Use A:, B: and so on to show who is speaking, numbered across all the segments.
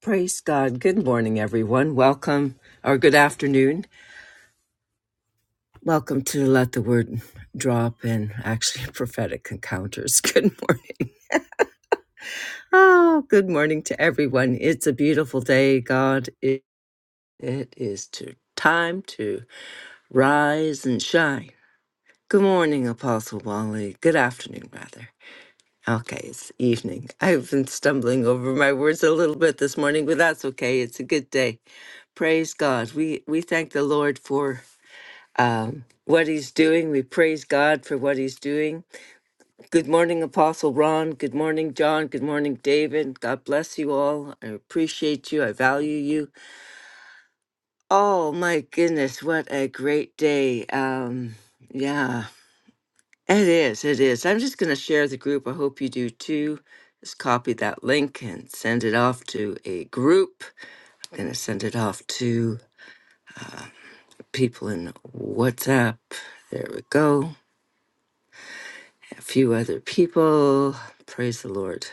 A: Praise God. Good morning, everyone. Welcome, or good afternoon. Welcome to Let the Word Drop and actually prophetic encounters. Good morning. Oh, good morning to everyone. It's a beautiful day, God. It, it is to time to rise and shine. Good morning, Apostle Wally. Good afternoon, rather. Okay, it's evening. I've been stumbling over my words a little bit this morning, but that's okay. It's a good day. Praise God. We we thank the Lord for um, what he's doing. We praise God for what he's doing. Good morning, Apostle Ron. Good morning, John. Good morning, David. God bless you all. I appreciate you. I value you. Oh, my goodness. What a great day. Um, yeah, it is. It is. I'm just going to share the group. I hope you do too. Just copy that link and send it off to a group. I'm going to send it off to people in WhatsApp. There we go. a few other people. Praise the Lord.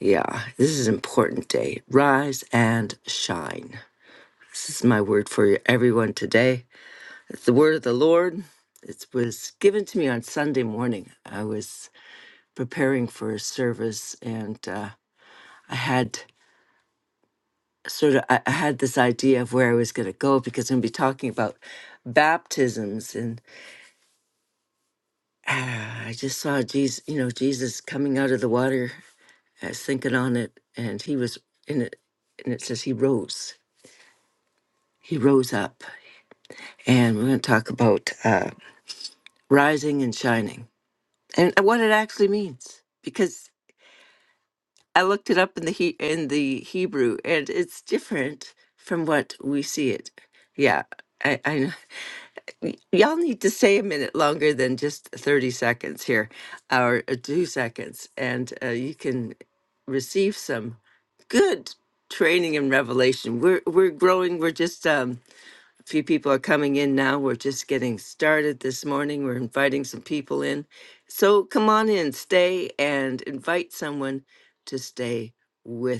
A: Yeah, this is an important day. Rise and shine. This is my word for everyone today. It's the word of the Lord. It was given to me on Sunday morning. I was preparing for a service and uh, I had sort of I I had this idea of where I was going to go because I'm going to be talking about baptisms and ah, I just saw Jesus, you know, Jesus coming out of the water I was thinking on it, and he was in it, and it says he rose. He rose up, and we're going to talk about uh, rising and shining, and uh, what it actually means. Because I looked it up in the he- in the Hebrew, and it's different from what we see it. Yeah, I, I know Y- Y'all need to stay a minute longer than just 30 seconds here, or uh, two seconds, and uh, you can receive some good training and revelation. We're we're growing. We're just um, a few people are coming in now. We're just getting started this morning. We're inviting some people in, so come on in, stay, and invite someone to stay with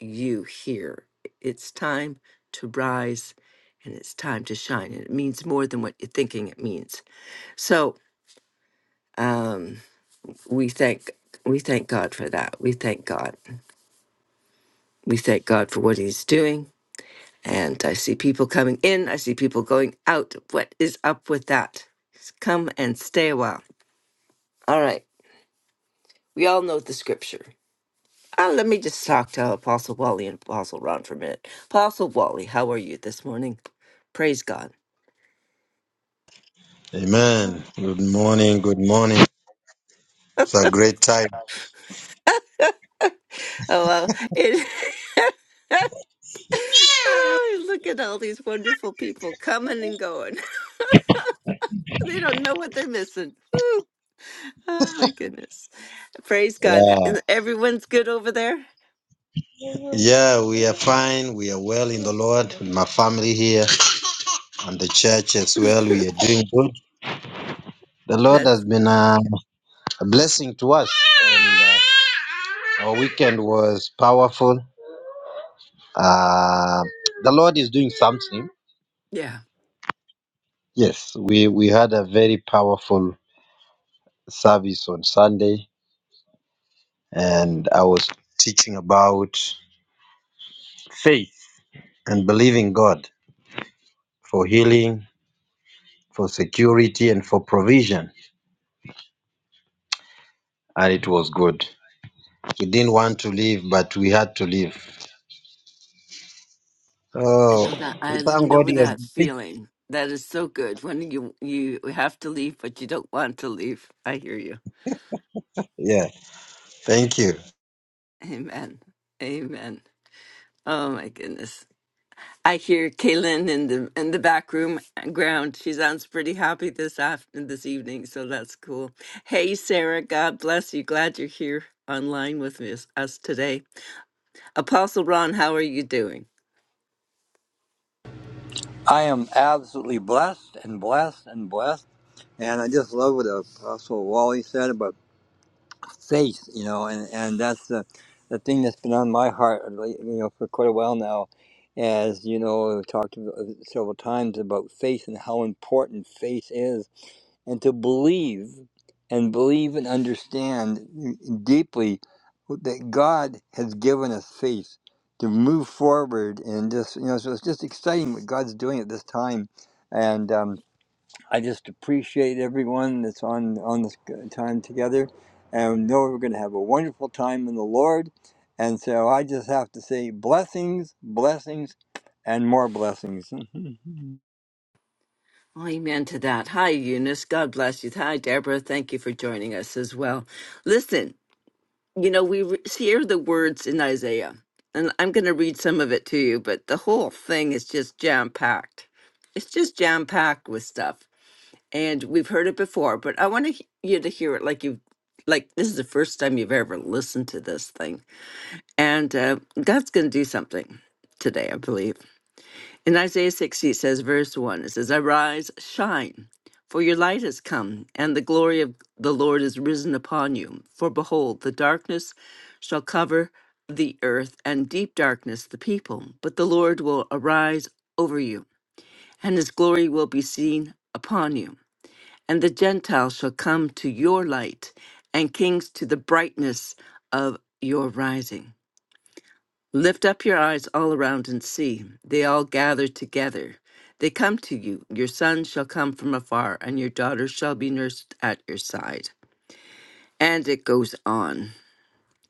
A: you here. It's time to rise and it's time to shine. And it means more than what you're thinking it means. So um, we thank we thank God for that. We thank God. We thank God for what he's doing. And I see people coming in. I see people going out. What is up with that? Just come and stay a while. All right. We all know the scripture. Uh, let me just talk to Apostle Wally and Apostle Ron for a minute. Apostle Wally, how are you this morning? Praise God.
B: Amen. Good morning. Good morning. It's a great time.
A: Oh well, it. Oh, Look at all these wonderful people coming and going. They don't know what they're missing. Whew. Oh my goodness. Praise God.
B: Yeah.
A: And Everyone's good over there.
B: Yeah, we are fine. We are well in the Lord. My family here and the church as well. We are doing good. The Lord has
A: That's
B: been a, a blessing to us. And uh, our weekend was powerful. Uh, the Lord is doing something.
A: yeah.
B: Yes, we, we had a very powerful service on Sunday, and I was teaching about faith and believing God for healing for security and for provision. And it was good. We didn't want to leave, but we had to leave.
A: I
B: Oh,
A: know that.
B: we
A: I
B: thank God
A: know
B: he has
A: that
B: been faithful.
A: feeling. That is so good when you you have to leave, but you don't want to leave. I hear you.
B: Yeah, thank you.
A: Amen. Amen. Oh my goodness. I hear Kaylin in the in the back room ground. She sounds pretty happy this afternoon, this evening, so that's cool. Hey, Sarah, God bless you. Glad you're here online with us, us today. Apostle Ron, how are you doing?
C: I am absolutely blessed and blessed and blessed. And I just love what Apostle Wally said about faith, you know, and, and that's the, the thing that's been on my heart, like, you know, for quite a while now. As you know, we've talked several times about faith and how important faith is and to believe and believe and understand deeply that God has given us faith to move forward and just you know so it's just exciting what God's doing at this time and um, I just appreciate everyone that's on on this uh, time together and know we're going to have a wonderful time in the Lord and so I just have to say blessings blessings and more blessings
A: Amen to that. Hi, Eunice. God bless you. Hi, Deborah. Thank you for joining us as well. Listen, you know we re- hear the words in Isaiah, and I'm going to read some of it to you, but the whole thing is just jam packed it's just jam packed with stuff. and we've heard it before, but I want to, he- you to hear it like you've, like this is the first time you've ever listened to this thing. And uh, God's going to do something today, I believe. In Isaiah 60, it says, verse 1, it says, Arise, shine, for your light has come, and the glory of the Lord is risen upon you. For behold, the darkness shall cover the earth, and deep darkness the people, but the Lord will arise over you, and his glory will be seen upon you and the Gentiles shall come to your light, and kings to the brightness of your rising. Lift up your eyes all around and see. They all gather together. They come to you. Your sons shall come from afar, and your daughters shall be nursed at your side. And it goes on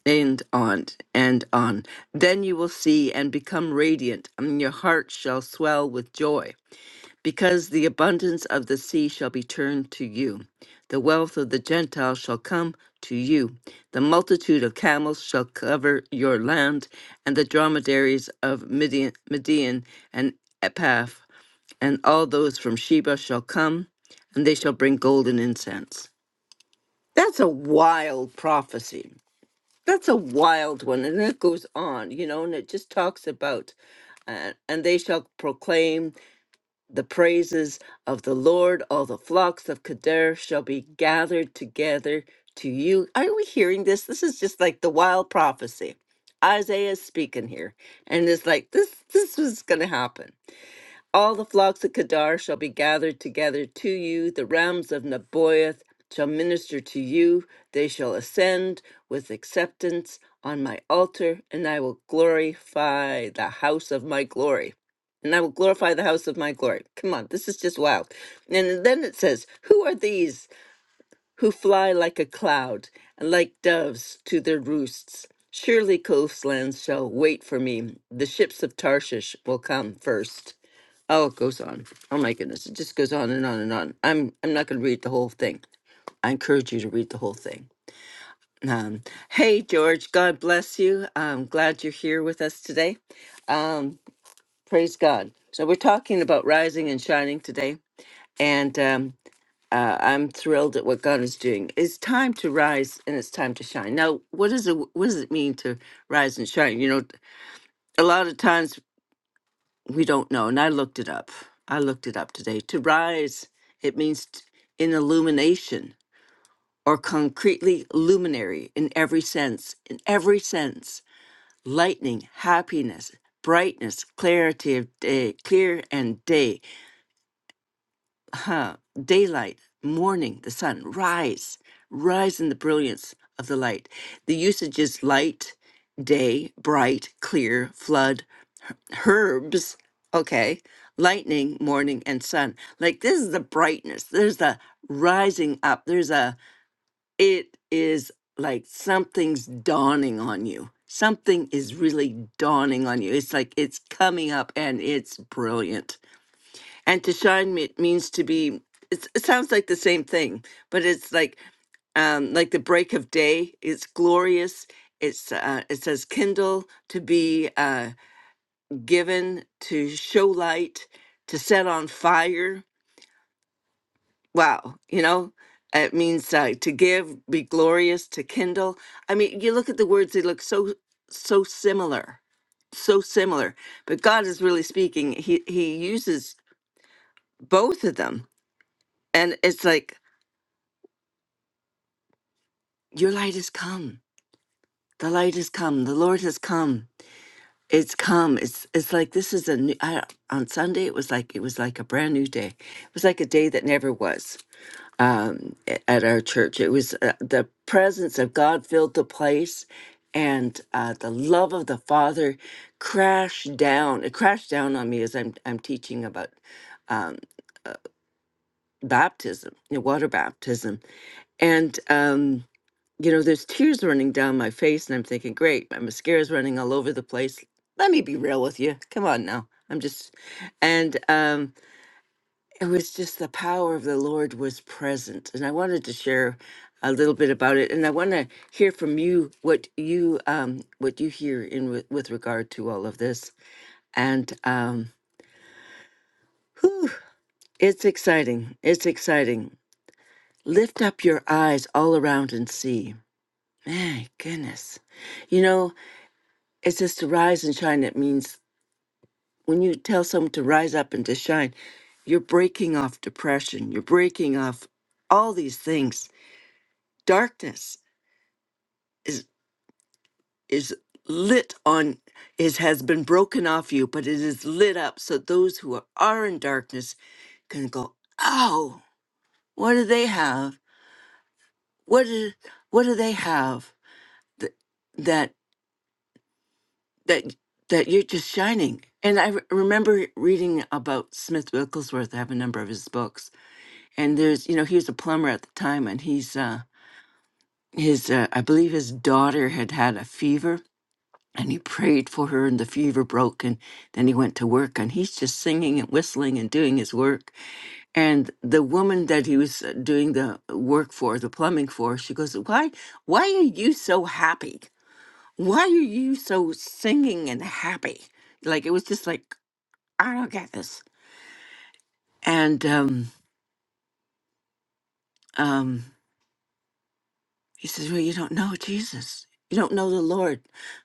A: and on and on. Then you will see and become radiant, and your heart shall swell with joy. Because the abundance of the sea shall be turned to you, the wealth of the Gentiles shall come to you, the multitude of camels shall cover your land, and the dromedaries of Midian, Midian and Epaph, and all those from Sheba shall come, and they shall bring gold and incense. That's a wild prophecy. That's a wild one, and it goes on, you know, and it just talks about, uh, and they shall proclaim the praises of the Lord, all the flocks of Kedar shall be gathered together to you. Are we hearing this? This is just like the wild prophecy. Isaiah is speaking here, and it's like this. This was going to happen. All the flocks of Kedar shall be gathered together to you. The rams of Nebaioth shall minister to you. They shall ascend with acceptance on my altar, and I will glorify the house of my glory. And I will glorify the house of my glory. Come on, this is just wild. And then it says, Who are these who fly like a cloud and like doves to their roosts? Surely coastlands shall wait for me. The ships of Tarshish will come first. Oh, it goes on. Oh my goodness, it just goes on and on and on. I'm I'm not going to read the whole thing. I encourage you to read the whole thing. Um, hey, George, God bless you. I'm glad you're here with us today. Um, praise God. So we're talking about rising and shining today, and um, uh, I'm thrilled at what God is doing. It's time to rise and it's time to shine. Now, what is it? What does it mean to rise and shine? You know, a lot of times. we don't know. And I looked it up. I looked it up today. To rise, it means t- in illumination or concretely luminary in every sense, in every sense. Lightning, happiness, brightness, clarity of day, clear and day, huh? Daylight, morning, the sun, rise, rise in the brilliance of the light. The usage is light, day, bright, clear, flood, herbs, okay, lightning, morning, and sun. Like this is the brightness. There's the rising up. There's a, it is like something's dawning on you. Something is really dawning on you. It's like it's coming up and it's brilliant. And to shine me- means to be, it's, it sounds like the same thing, but it's like, um, like the break of day. It's glorious. It's uh, it says kindle to be. Uh, given to show light, to set on fire. Wow, you know, it means uh, to give, be glorious, to kindle. I mean, you look at the words, they look so, so similar, so similar. But God is really speaking. He, he uses both of them. And it's like, your light has come. The light has come. The Lord has come. It's come. It's it's like this is a new. I, on Sunday, it was like it was like a brand new day. It was like a day that never was um, at our church. It was uh, the presence of God filled the place, and uh, the love of the Father crashed down. It crashed down on me as I'm I'm teaching about um, uh, baptism, you know, water baptism, and um, you know, there's tears running down my face, and I'm thinking, great, my mascara's running all over the place. Let me be real with you. Come on now. I'm just, and um, it was just the power of the Lord was present. And I wanted to share a little bit about it. And I want to hear from you what you um, what you hear in with, with regard to all of this. And um, whew, it's exciting. It's exciting. Lift up your eyes all around and see. My goodness. You know, it says to rise and shine. It means when you tell someone to rise up and to shine, you're breaking off depression. You're breaking off all these things, darkness. is is lit on is has been broken off you but it is lit up so those who are, in darkness can go oh what do they have what do, what do they have that that that that you're just shining and i re- remember reading about smith wigglesworth i have a number of his books and there's you know he was a plumber at the time and he's uh his uh, i believe his daughter had had a fever and he prayed for her and the fever broke and then he went to work and he's just singing and whistling and doing his work and the woman that he was uh, doing the work for the plumbing for she goes why why are you so happy why are you so singing and happy like it was just like i don't get this and um um he says well you don't know jesus you don't know the lord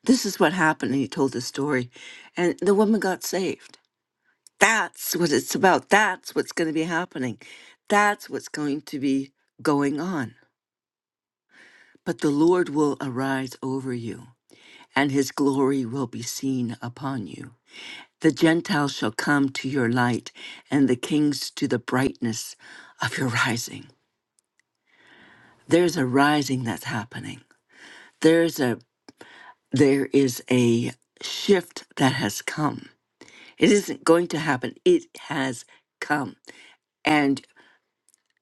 A: this is what happened and he told the story and the woman got saved That's what it's about. That's what's going to be happening. That's what's going to be going on. But the Lord will arise over you, and his glory will be seen upon you. The Gentiles shall come to your light, and the kings to the brightness of your rising. There's a rising that's happening. There's a there is a shift that has come. It isn't going to happen. It has come. and.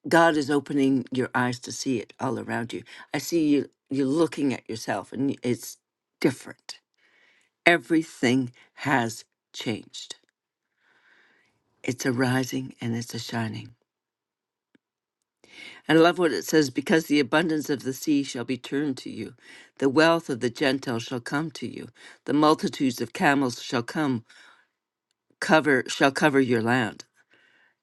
A: God is opening your eyes to see it all around you. I see you you're looking at yourself and it's different. Everything has changed. It's a rising and it's a shining. And I love what it says because the abundance of the sea shall be turned to you, the wealth of the Gentiles shall come to you, the multitudes of camels shall come cover shall cover your land.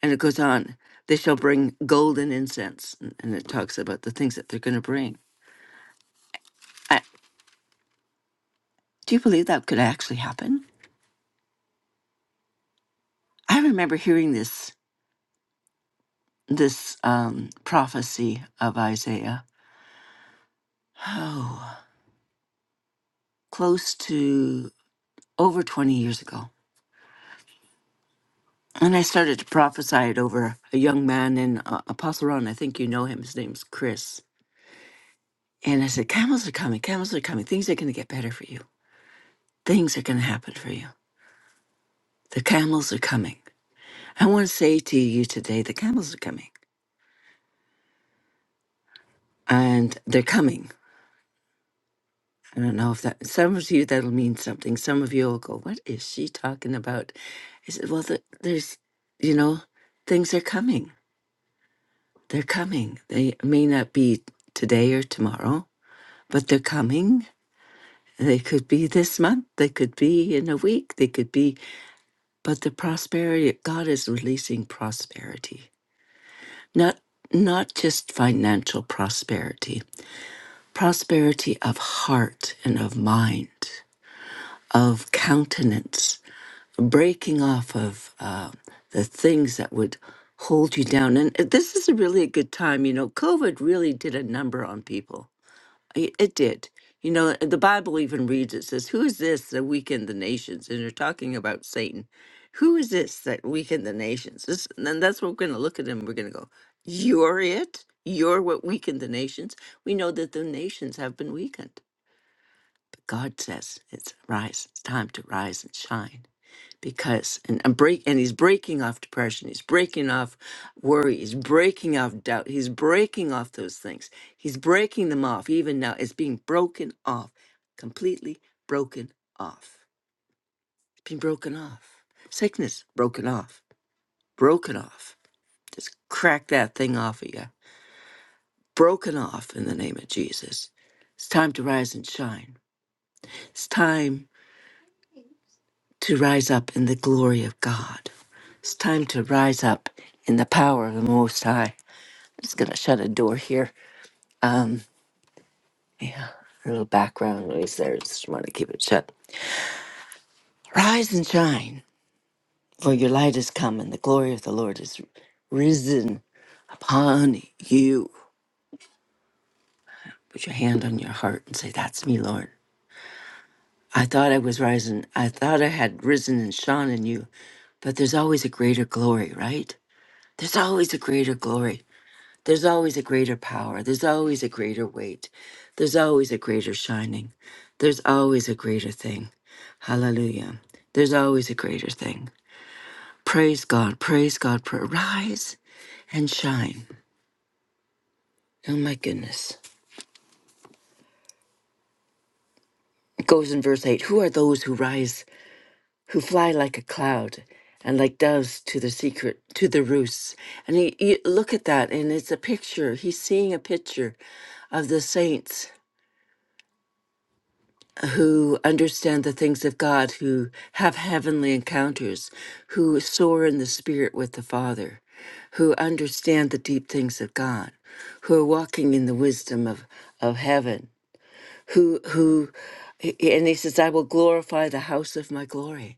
A: And it goes on, they shall bring golden incense. And and it talks about the things that they're going to bring. Do you believe that could actually happen? I remember hearing this this um, prophecy of Isaiah. Oh, close to over 20 years ago. And I started to prophesy it over a young man in uh, Apostle Ron. I think you know him. His name's Chris. And I said, Camels are coming. Camels are coming. Things are going to get better for you. Things are going to happen for you. The camels are coming. I want to say to you today, the camels are coming. And they're coming. I don't know if that some of you that'll mean something. Some of you will go, "What is she talking about?" I said, "Well, the, there's, you know, things are coming. They're coming. They may not be today or tomorrow, but they're coming. They could be this month. They could be in a week. They could be. But the prosperity God is releasing prosperity, not not just financial prosperity, prosperity of heart and of mind, of countenance." breaking off of uh, the things that would hold you down. And uh, this is a really a good time. You know, COVID really did a number on people. I- It did. You know, the Bible even reads it says, Who is this that weakened the nations? And you're talking about Satan. Who is this that weakened the nations? This, and then that's what we're going to look at him. We're going to go, You're it. You're what weakened the nations. We know that the nations have been weakened. But God says, It's rise. It's time to rise and shine because and, and break and he's breaking off depression he's breaking off worry he's breaking off doubt he's breaking off those things he's breaking them off even now it's being broken off completely broken off it's being broken off sickness broken off broken off just crack that thing off of you broken off in the name of jesus it's time to rise and shine it's time to rise up in the glory of God. It's time to rise up in the power of the Most High. I'm just gonna shut a door here. Um, yeah, a little background noise there. Just want to keep it shut. Rise and shine, for your light is come, and the glory of the Lord is risen upon you. Put your hand on your heart and say, "That's me, Lord." I thought I was rising. I thought I had risen and shone in you, but there's always a greater glory, right? There's always a greater glory. There's always a greater power. There's always a greater weight. There's always a greater shining. There's always a greater thing. Hallelujah. There's always a greater thing. Praise God. Praise God. Pra- Rise and shine. Oh my goodness. It goes in verse 8 Who are those who rise, who fly like a cloud? And like doves to the secret, to the roosts. And he, he- look at that, and it's a picture. He's seeing a picture of the saints who understand the things of God, who have heavenly encounters, who soar in the spirit with the Father, who understand the deep things of God, who are walking in the wisdom of, of heaven, who who and he says, I will glorify the house of my glory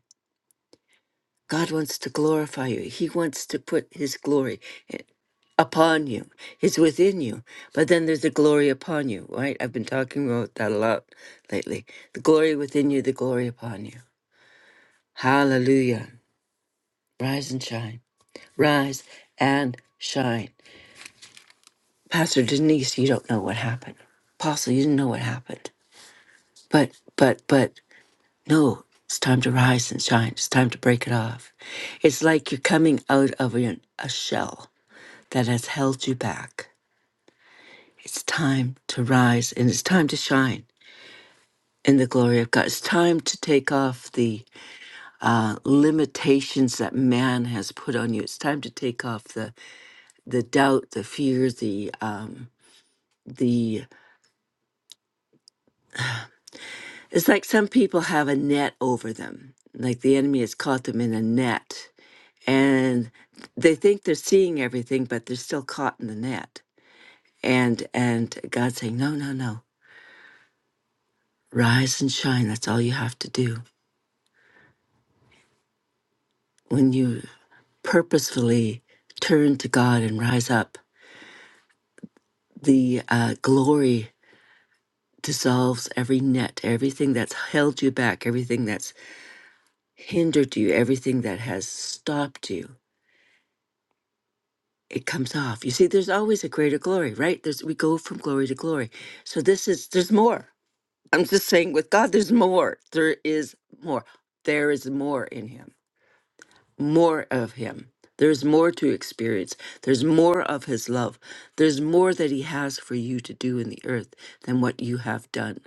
A: God wants to glorify you. He wants to put His glory i- upon you. It's within you. But then there's the glory upon you, right? I've been talking about that a lot lately. The glory within you, the glory upon you. Hallelujah. Rise and shine. Rise and shine. Pastor Denise, you don't know what happened. Apostle, you didn't know what happened. But, but, but, no, it's time to rise and shine. It's time to break it off. It's like you're coming out of an- a shell that has held you back. It's time to rise and it's time to shine in the glory of God. It's time to take off the uh, limitations that man has put on you. It's time to take off the the doubt, the fear, the um, the. It's like some people have a net over them, like the enemy has caught them in a net, and they think they're seeing everything, but they're still caught in the net. And and God's saying, no, no, no, rise and shine. That's all you have to do when you purposefully turn to God and rise up, the uh, glory dissolves every net, everything that's held you back, everything that's hindered you, everything that has stopped you. It comes off. You see, there's always a greater glory, right? There's we go from glory to glory. So this is there's more. I'm just saying with God, there's more. There is more. There is more in Him. more of Him. There's more to experience. There's more of His love. There's more that He has for you to do in the earth than what you have done.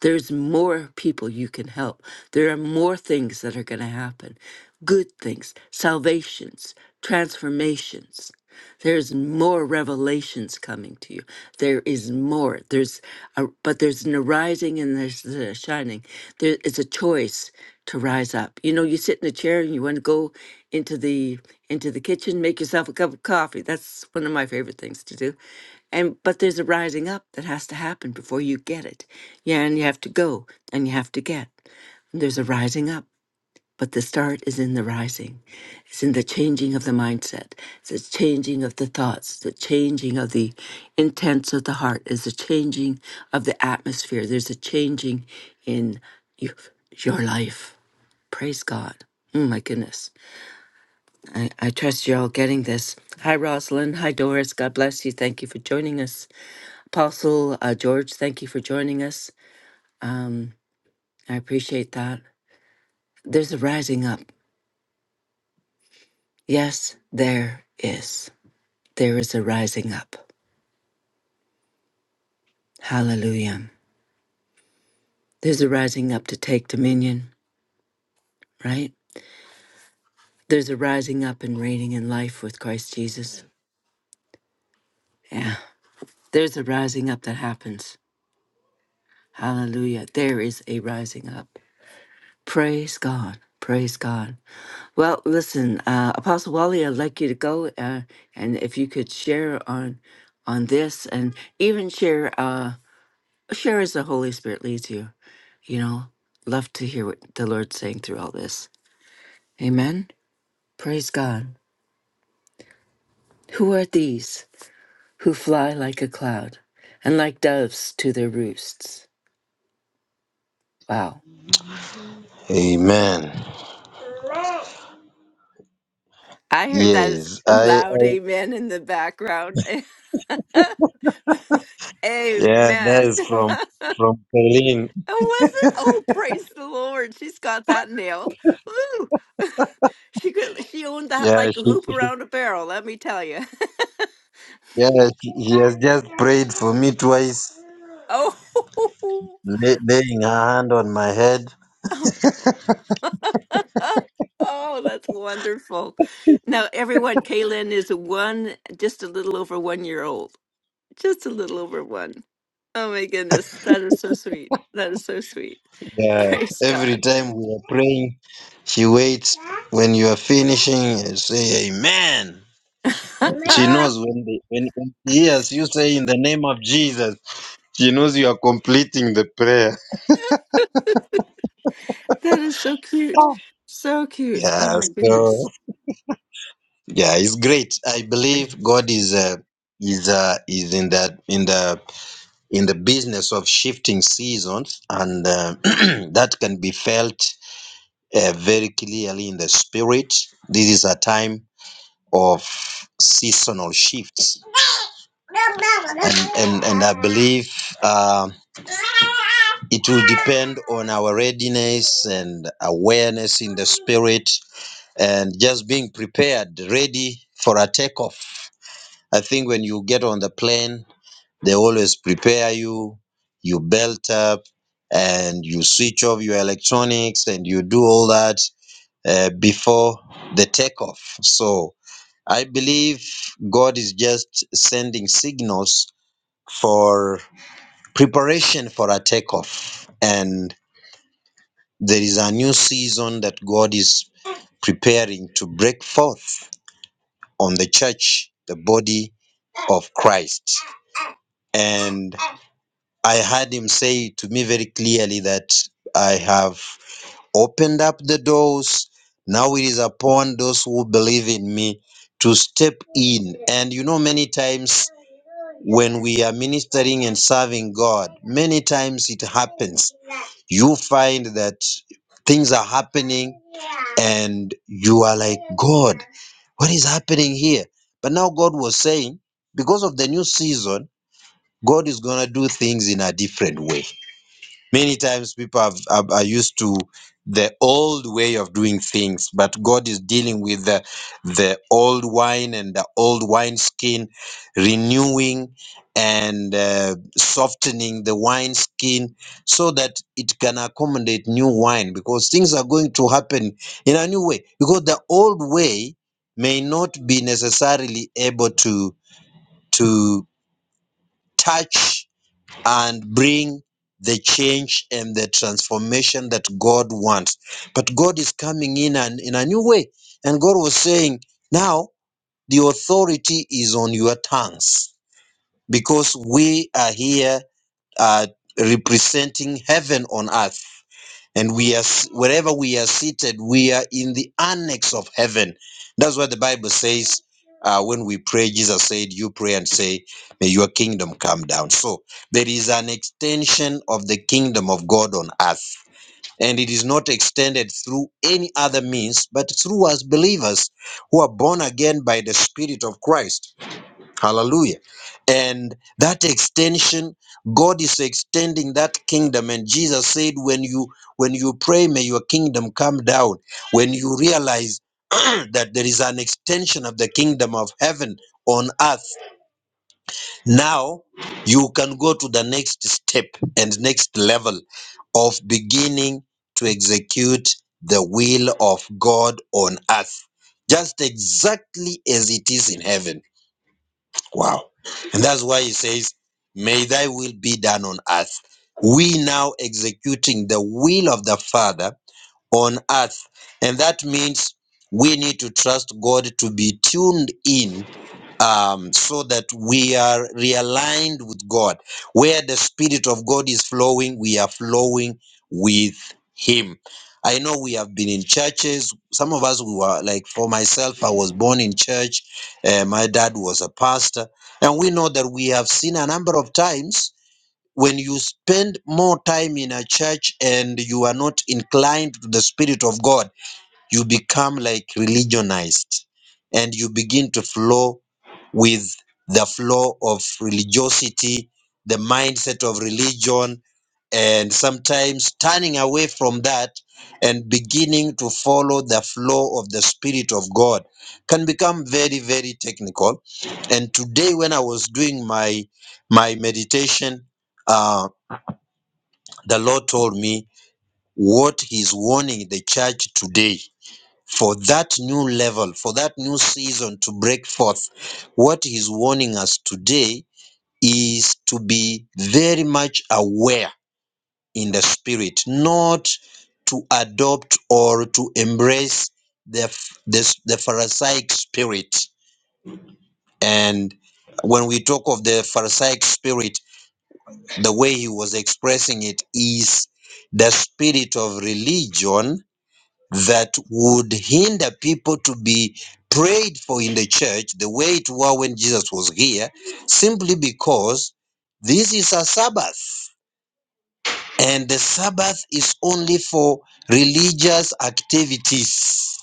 A: There's more people you can help. There are more things that are going to happen good things, salvations, transformations. There's more revelations coming to you. There is more. There's a, but there's an arising and there's a shining. There is a choice to rise up. You know, you sit in a chair and you want to go into the into the kitchen, make yourself a cup of coffee. That's one of my favorite things to do and but there's a rising up that has to happen before you get it yeah and you have to go and you have to get And there's a rising up but the start is in the rising it's in the changing of the mindset it's the changing of the thoughts the changing of the intents of the heart is the changing of the atmosphere there's a changing in you, your life praise god Oh my goodness. I, I trust you're all getting this. Hi, Rosalind. Hi, Doris. God bless you. Thank you for joining us. Apostle uh, George, thank you for joining us. Um, I appreciate that. There's a rising up. Yes, there is. There is a rising up. Hallelujah. There's a rising up to take dominion, right? There's a rising up and reigning in life with Christ Jesus.
D: Amen.
A: Yeah. There's a rising up that happens. Hallelujah. There is a rising up. Praise God. Praise God. Well, listen, uh, Apostle Wally, I'd like you to go, uh, and if you could share on on this, and even share uh, share as the Holy Spirit leads you. You know, love to hear what the Lord's saying through all this. Amen. Praise God. Who are these who fly like a cloud and like doves to their roosts? Wow.
B: Amen.
A: I heard that as
B: Yes, I,
A: loud
B: I
A: amen in the background.
B: yeah, that
A: amen.
B: is from from Pauline.
A: Oh, was it? Oh, praise the Lord. She's got that nailed. Woo. She could she owned that
B: Yeah,
A: like a
B: she,
A: hoop around a barrel, let me tell you.
B: yeah, she, she has just prayed for me twice,
A: Oh.
B: lay, laying her hand on my head.
A: Oh, that's wonderful. Now, everyone, Kaylin is one, just a little over one year old. Just a little over one. Oh my goodness, that is so sweet. That is so sweet.
B: Yeah,
A: Praise
B: every
A: God.
B: time we are praying, she waits when you are finishing and say Amen. She
A: that
B: knows when, the, when when she hears you say in the name of Jesus, she knows you are completing the prayer.
A: is so cute. So cute. Oh
B: Yeah,
A: my goodness.
B: so yeah, it's great. I believe God is uh, is uh, is in that in the in the business of shifting seasons, and uh, that can be felt uh, very clearly in the spirit. This is a time of seasonal shifts and and, and I believe um it will depend on our readiness and awareness in the spirit and just being prepared, ready for a takeoff. I think when you get on the plane, they always prepare you, you belt up, and you switch off your electronics and you do all that uh, before the takeoff. So I believe God is just sending signals for preparation for a takeoff. And there is a new season that God is preparing to break forth on the church, the body of Christ. And I heard him say to me very clearly that I have. opened up the doors. Now it is upon those who believe in me to step in. And you know, many times when we are ministering and serving God, many times it happens. You find that things are happening and you are like, God, what is happening here? But now God was saying, because of the new season, God is going to do things in a different way. Many times people have, are, are used to the old way of doing things, but God is dealing with the, the old wine and the old wine skin, renewing and uh, softening the wine skin so that it can accommodate new wine because things are going to happen in a new way because the old way may not be necessarily able to to touch and bring the change and the transformation that God wants. But God is coming in and in a new way. And God was saying, now the authority is on your tongues because we are here uh, representing heaven on earth and we are wherever we are seated we are in the annex of heaven that's what the bible says uh, when we pray jesus said you pray and say may your kingdom come down so there is an extension of the kingdom of god on earth and it is not extended through any other means but through us believers who are born again by the spirit of christ Hallelujah. And that extension, God is extending that kingdom. And Jesus said, when you when you pray, may your kingdom come down. When you realize that there is an extension of the kingdom of heaven on earth, now you can go to the next step and next level of beginning to execute the will of God on earth, just exactly as it is in heaven. Wow. And that's why he says, May thy will be done on earth. We now executing the will of the Father on earth. And that means we need to trust God to be tuned in um, so that we are realigned with God. Where the Spirit of God is flowing, we are flowing with Him. I know we have been in churches. Some of us we were like, for myself, I was born in church. Uh, my dad was a pastor. And we know that we have seen a number of times when you spend more time in a church and you are not inclined to the Spirit of God, you become like religionized and you begin to flow with the flow of religiosity, the mindset of religion, and sometimes turning away from that and beginning to follow the flow of the Spirit of God can become very, very technical. And today, when I was doing my my meditation, uh, the Lord told me what He's warning the church today for that new level, for that new season to break forth. What He's warning us today is to be very much aware in the spirit, not to adopt or to embrace the, the the Pharisaic spirit. And when we talk of the Pharisaic spirit, the way he was expressing it is the spirit of religion that would hinder people to be prayed for in the church the way it was when Jesus was here, simply because this is a Sabbath. and the Sabbath is only for religious activities.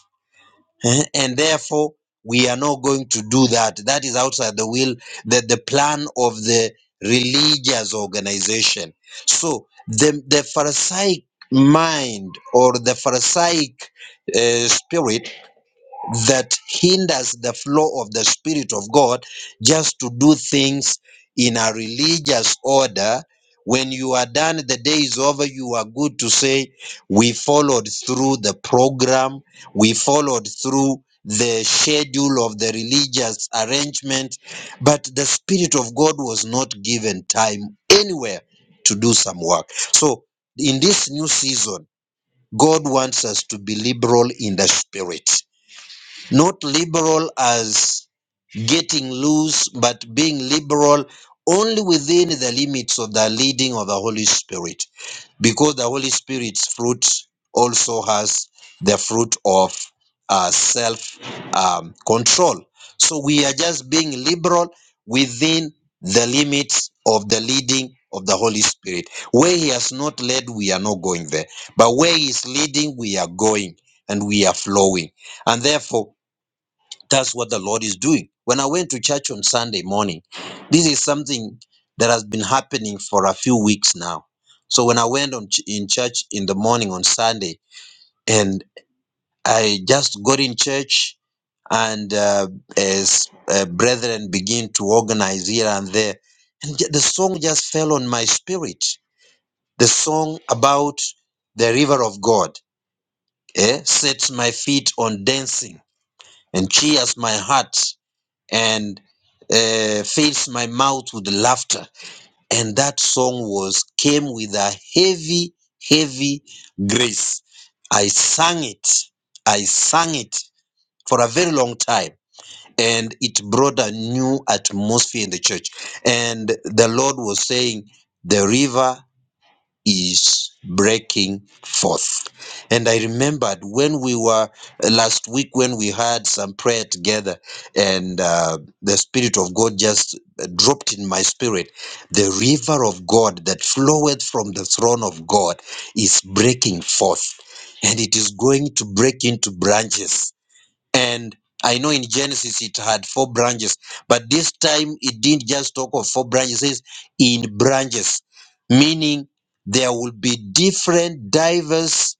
B: eh, And therefore, we are not going to do that. That is outside the will, the, the plan of the religious organization. So the, the Pharisaic mind or the Pharisaic uh, spirit that hinders the flow of the Spirit of God just to do things in a religious order. When you are done, the day is over, you are good to say, We followed through the program, we followed through the schedule of the religious arrangement, but the Spirit of God was not given time anywhere to do some work. So, in this new season, God wants us to be liberal in the Spirit. Not liberal as getting loose, but being liberal only within the limits of the leading of the Holy Spirit, because the Holy Spirit's fruit also has the fruit of uh, self um, control. So we are just being liberal within the limits of the leading of the Holy Spirit. Where He has not led, we are not going there. But where He is leading, we are going and we are flowing. And therefore, that's what the Lord is doing. When I went to church on Sunday morning, this is something that has been happening for a few weeks now. So when I went on ch- in church in the morning on Sunday, and I just got in church, and uh, as uh, brethren begin to organize here and there, and ju- the song just fell on my spirit. The song about the river of God eh, sets my feet on dancing and cheers my heart. and uh, fills my mouth with laughter. And that song was came with a heavy, heavy grace. I sang it. I sang it for a very long time. And it brought a new atmosphere in the church. And the Lord was saying, The river is breaking forth. And I remembered when we were uh, last week when we had some prayer together, and uh, the Spirit of God just uh, dropped in my spirit the river of God that floweth from the throne of God is breaking forth. And it is going to break into branches and I know in Genesis it had four branches, but this time it didn't just talk of four branches, it says in branches, meaning there will be different, diverse,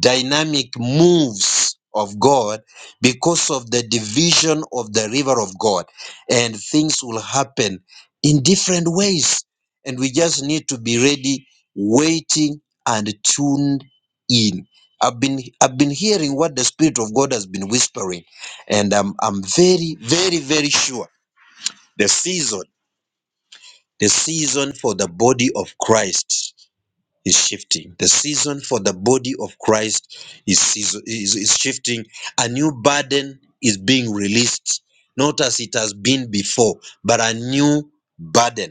B: dynamic moves of God because of the division of the river of God. And things will happen in different ways. And we just need to be ready, waiting, and tuned in. I've been I've been hearing what the Spirit of God has been whispering, and I'm I'm very very very sure the season the season for the body of Christ is shifting. The season for the body of Christ is season, is, is shifting. A new burden is being released, not as it has been before, but a new burden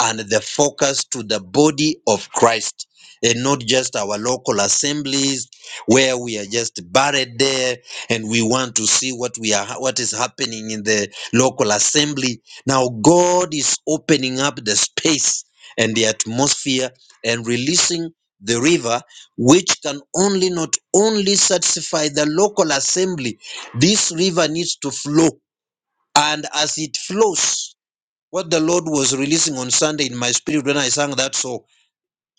B: and the focus to the body of Christ and not just our local assemblies where we are just buried there and we want to see what we are what is happening in the local assembly now god is opening up the space and the atmosphere and releasing the river which can only not only satisfy the local assembly this river needs to flow and as it flows what the Lord was releasing on Sunday in my spirit when I sang that song.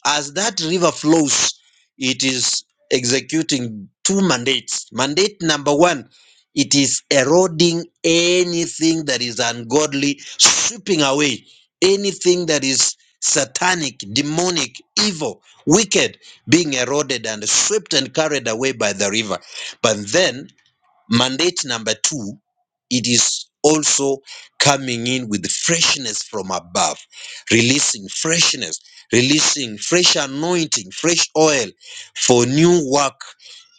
B: As that river flows, it is executing two mandates. Mandate number one, it is eroding anything that is ungodly, sweeping away anything that is satanic, demonic, evil, wicked, being eroded and swept and carried away by the river. But then Mandate number two, it is also coming in with freshness from above, releasing freshness, releasing fresh anointing, fresh oil for new work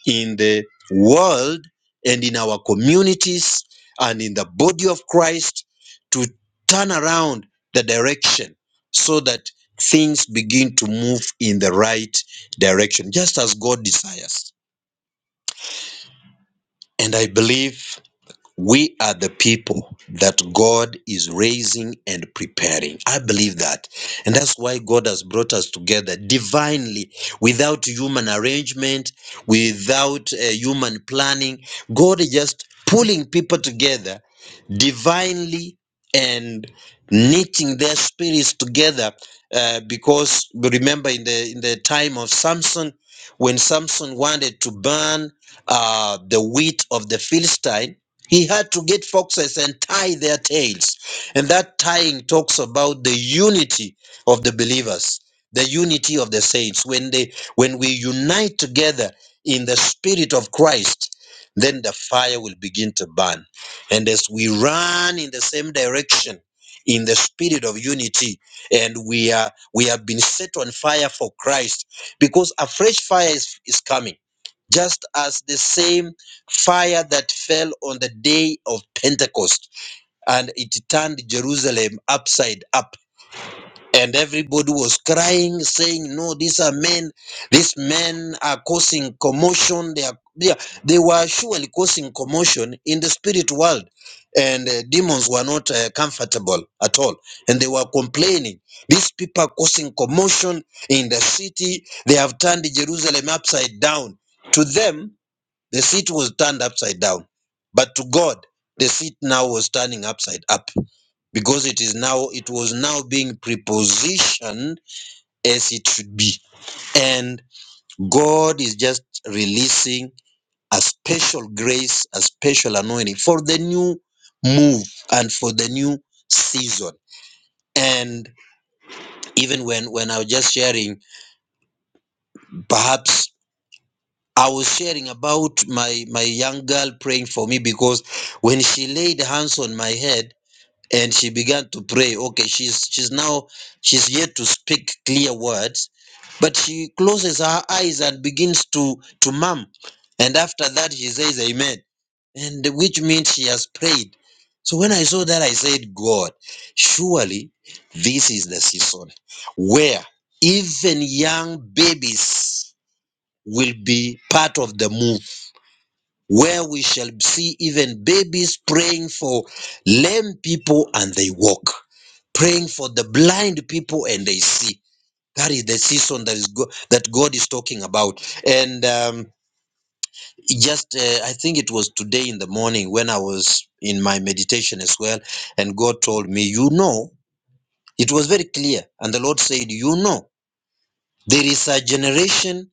B: in the world and in our communities and in the body of Christ to turn around the direction so that things begin to move in the right direction, just as God desires. And I believe we are the people that God is raising and preparing. I believe that. And that's why God has brought us together divinely, without human arrangement, without uh, human planning. God is just pulling people together divinely and knitting their spirits together uh, because remember in the in the time of samson when samson wanted to burn uh, the wheat of the philistine he had to get foxes and tie their tails and that tying talks about the unity of the believers the unity of the saints when they when we unite together in the spirit of christ then the fire will begin to burn and as we run in the same direction in the spirit of unity, and we are we have been set on fire for Christ because a fresh fire is, is coming, just as the same fire that fell on the day of Pentecost and it turned Jerusalem upside up and everybody was crying, saying, No, these are men, these men are causing commotion. They are they, are- they were surely causing commotion in the spirit world. And uh, demons were not uh, comfortable at all. And they were complaining. These people are causing commotion in the city. They have turned Jerusalem upside down. To them, the seat was turned upside down. But to God, the seat now was turning upside up because it is now it was now being prepositioned as it should be and god is just releasing a special grace a special anointing for the new move and for the new season and even when when i was just sharing perhaps I was sharing about my my young girl praying for me because when she laid hands on my head and she began to pray, okay, she's she's now she's yet to speak clear words, but she closes her eyes and begins to to mum, and after that she says Amen, and which means she has prayed. So when I saw that, I said, God, surely this is the season where even young babies will be part of the move where we shall see even babies praying for lame people and they walk, praying for the blind people and they see. That is the season that is go- that God is talking about. And um, just uh, I think it was today in the morning when I was in my meditation as well, and God told me, you know, it was very clear, and the Lord said, you know, there is a generation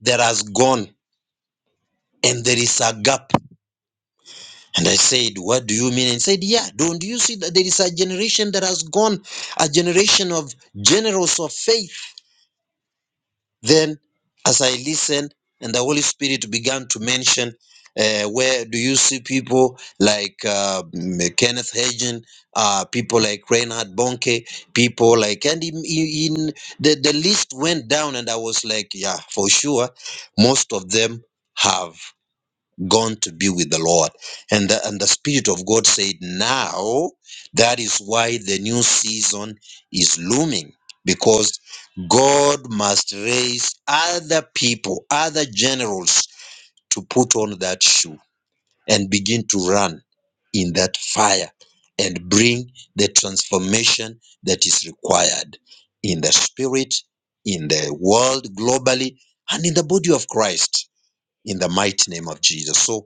B: that has gone, and there is a gap And I said, What do you mean? And he said, Yeah, don't you see that there is a generation that has gone, a generation of generals of faith? Then, as I listened, and the Holy Spirit began to mention, uh, Where do you see people like uh, mm, Kenneth Hagin, uh, people like Reinhard Bonke, people like, and in, in in- the, the list went down, and I was like, Yeah, for sure, most of them have gone to be with the Lord. And the, and the Spirit of God said, now that is why the new season is looming because God must raise other people, other generals to put on that shoe and begin to run in that fire and bring the transformation that is required in the spirit, in the world globally, and in the body of Christ in the mighty name of Jesus. So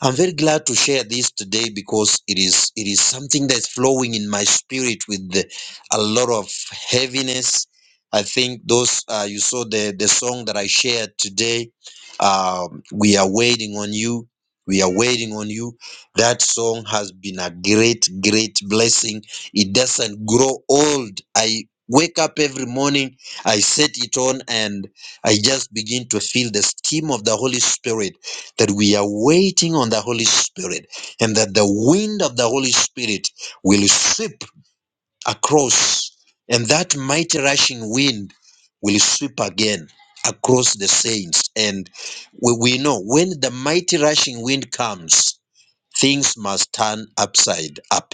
B: I'm very glad to share this today because it is it is something that's flowing in my spirit with the- a lot of heaviness. I think those uh, you saw the the song that I shared today. Um, we are waiting on you. We are waiting on you. That song has been a great great blessing. It doesn't grow old. I wake up every morning. I set it on and I just begin to feel the steam of the Holy Spirit that we are waiting on the Holy Spirit and that the wind of the Holy Spirit will sweep across, and that mighty rushing wind will sweep again across the saints. And we, we know when the mighty rushing wind comes, things must turn upside up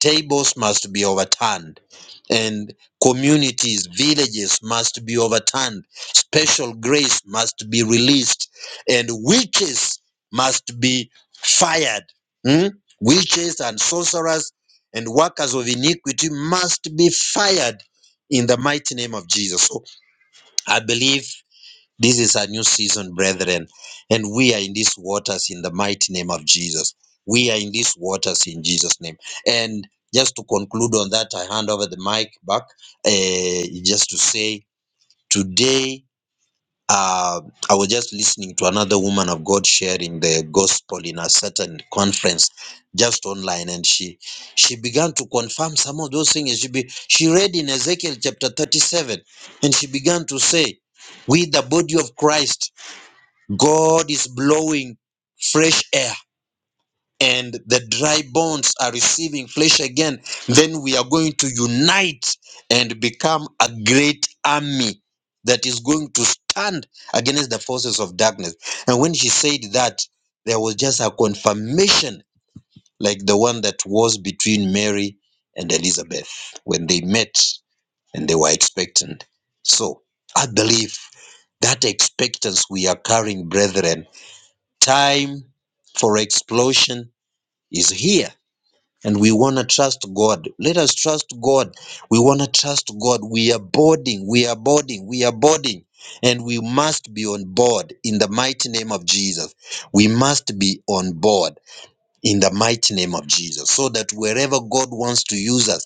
B: Tables must be overturned, and communities, villages must be overturned. Special grace must be released, and witches must be fired. Hmm? Witches and sorcerers and workers of iniquity must be fired in the mighty name of Jesus. So I believe. This is a new season, brethren, and we are in these waters in the mighty name of Jesus. We are in these waters in Jesus' name. And just to conclude on that, I hand over the mic back eh, just to say today. Uh, I was just listening to another woman of God sharing the gospel in a certain conference, just online, and she she began to confirm some of those things. She be, she read in Ezekiel chapter thirty-seven, and she began to say, "We, the body of Christ, God is blowing fresh air and the dry bones are receiving flesh again. Then we are going to unite and become a great army that is going to stand against the forces of darkness. And when she said that, there was just a confirmation like the one that was between Mary and Elizabeth when they met and they were expectant. So I believe that expectance we are carrying, brethren Time for explosion is here. And we want to trust God. Let us trust God. We want to trust God. We are boarding. We are boarding. We are boarding. And we must be on board in the mighty name of Jesus. We must be on board in the mighty name of Jesus. So that wherever God wants to use us,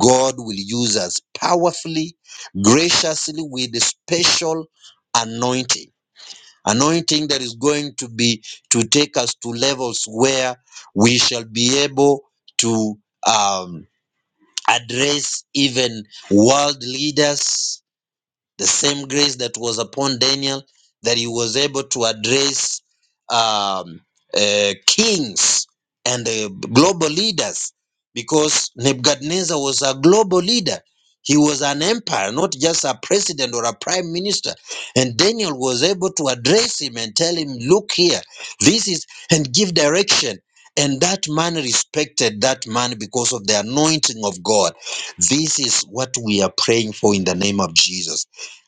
B: God will use us powerfully, graciously, with a special anointing Anointing that is going to be to take us to levels where we shall be able to um, address even world leaders the same grace that was upon Daniel, that he was able to address um, uh, kings and uh, global leaders, because Nebuchadnezzar was a global leader. He was an empire, not just a president or a prime minister. And Daniel was able to address him and tell him, Look here, this is, and give direction. And that man respected that man because of the anointing of God. This is what we are praying for in the name of Jesus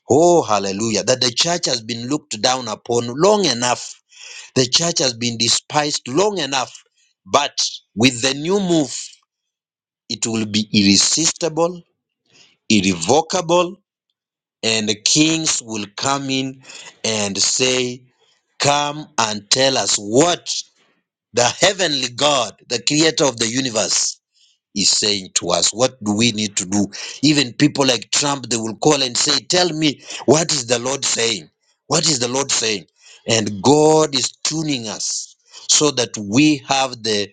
B: Oh, hallelujah. That the church has been looked down upon long enough. The church has been despised long enough. But with the new move, it will be irresistible, irrevocable, and the kings will come in and say, Come and tell us what the heavenly God, the creator of the universe, is saying to us. What do we need to do? Even people like Trump, they will call and say, Tell me, what is the Lord saying? What is the Lord saying? And God is tuning us so that we have the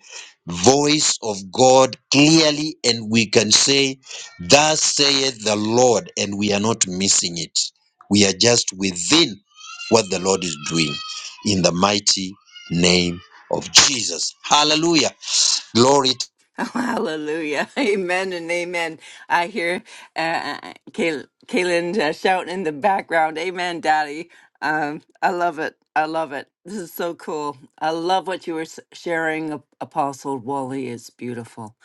B: voice of God clearly and we can say, Thus saith the Lord, and we are not missing it. We are just within what the Lord is doing in the mighty name of Jesus. Hallelujah. Glory
A: Oh, hallelujah. Amen and amen. I hear uh, Kay- Kaylin uh, shouting in the background. Amen, Daddy. Um, I love it. I love it. This is so cool. I love what you were s- sharing. Ap- Apostle Wally is beautiful.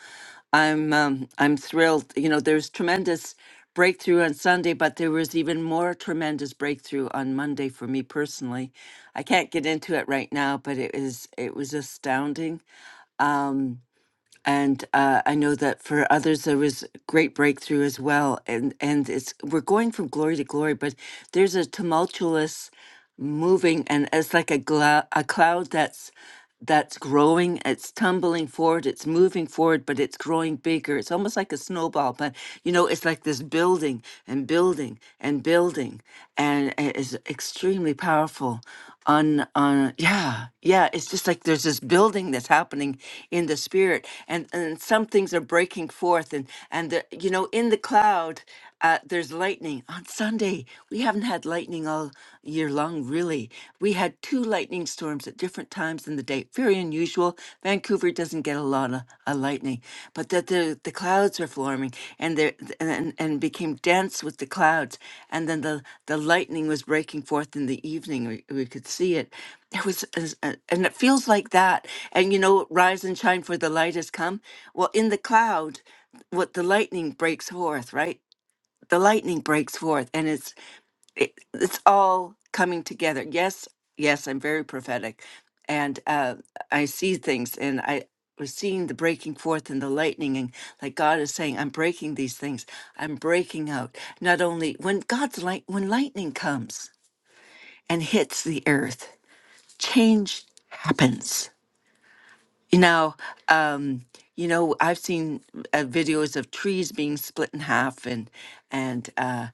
A: I'm um, I'm thrilled. You know, there's tremendous breakthrough on Sunday, but there was even more tremendous breakthrough on Monday for me personally. I can't get into it right now, but it is it was astounding. Um, and uh, I know that for others there was great breakthrough as well. And and it's we're going from glory to glory, but there's a tumultuous moving and it's like a, gla- a cloud that's that's growing it's tumbling forward it's moving forward but it's growing bigger it's almost like a snowball but you know it's like this building and building and building and it is extremely powerful on on yeah yeah it's just like there's this building that's happening in the spirit and and some things are breaking forth and and the, you know in the cloud uh, there's lightning on Sunday. We haven't had lightning all year long, really. We had two lightning storms at different times in the day. Very unusual. Vancouver doesn't get a lot of, of lightning, but that the, the clouds were forming and there and and became dense with the clouds, and then the the lightning was breaking forth in the evening. We, we could see it. It was, as- uh, and it feels like that. And you know, rise and shine, for the light has come. Well, in the cloud, what the lightning breaks forth, right? the lightning breaks forth and it's it, it's all coming together yes yes i'm very prophetic and uh i see things and i was seeing the breaking forth and the lightning and like god is saying i'm breaking these things i'm breaking out not only when god's light when lightning comes and hits the earth change happens now, um, you know, I've seen uh, videos of trees being split in half and and uh,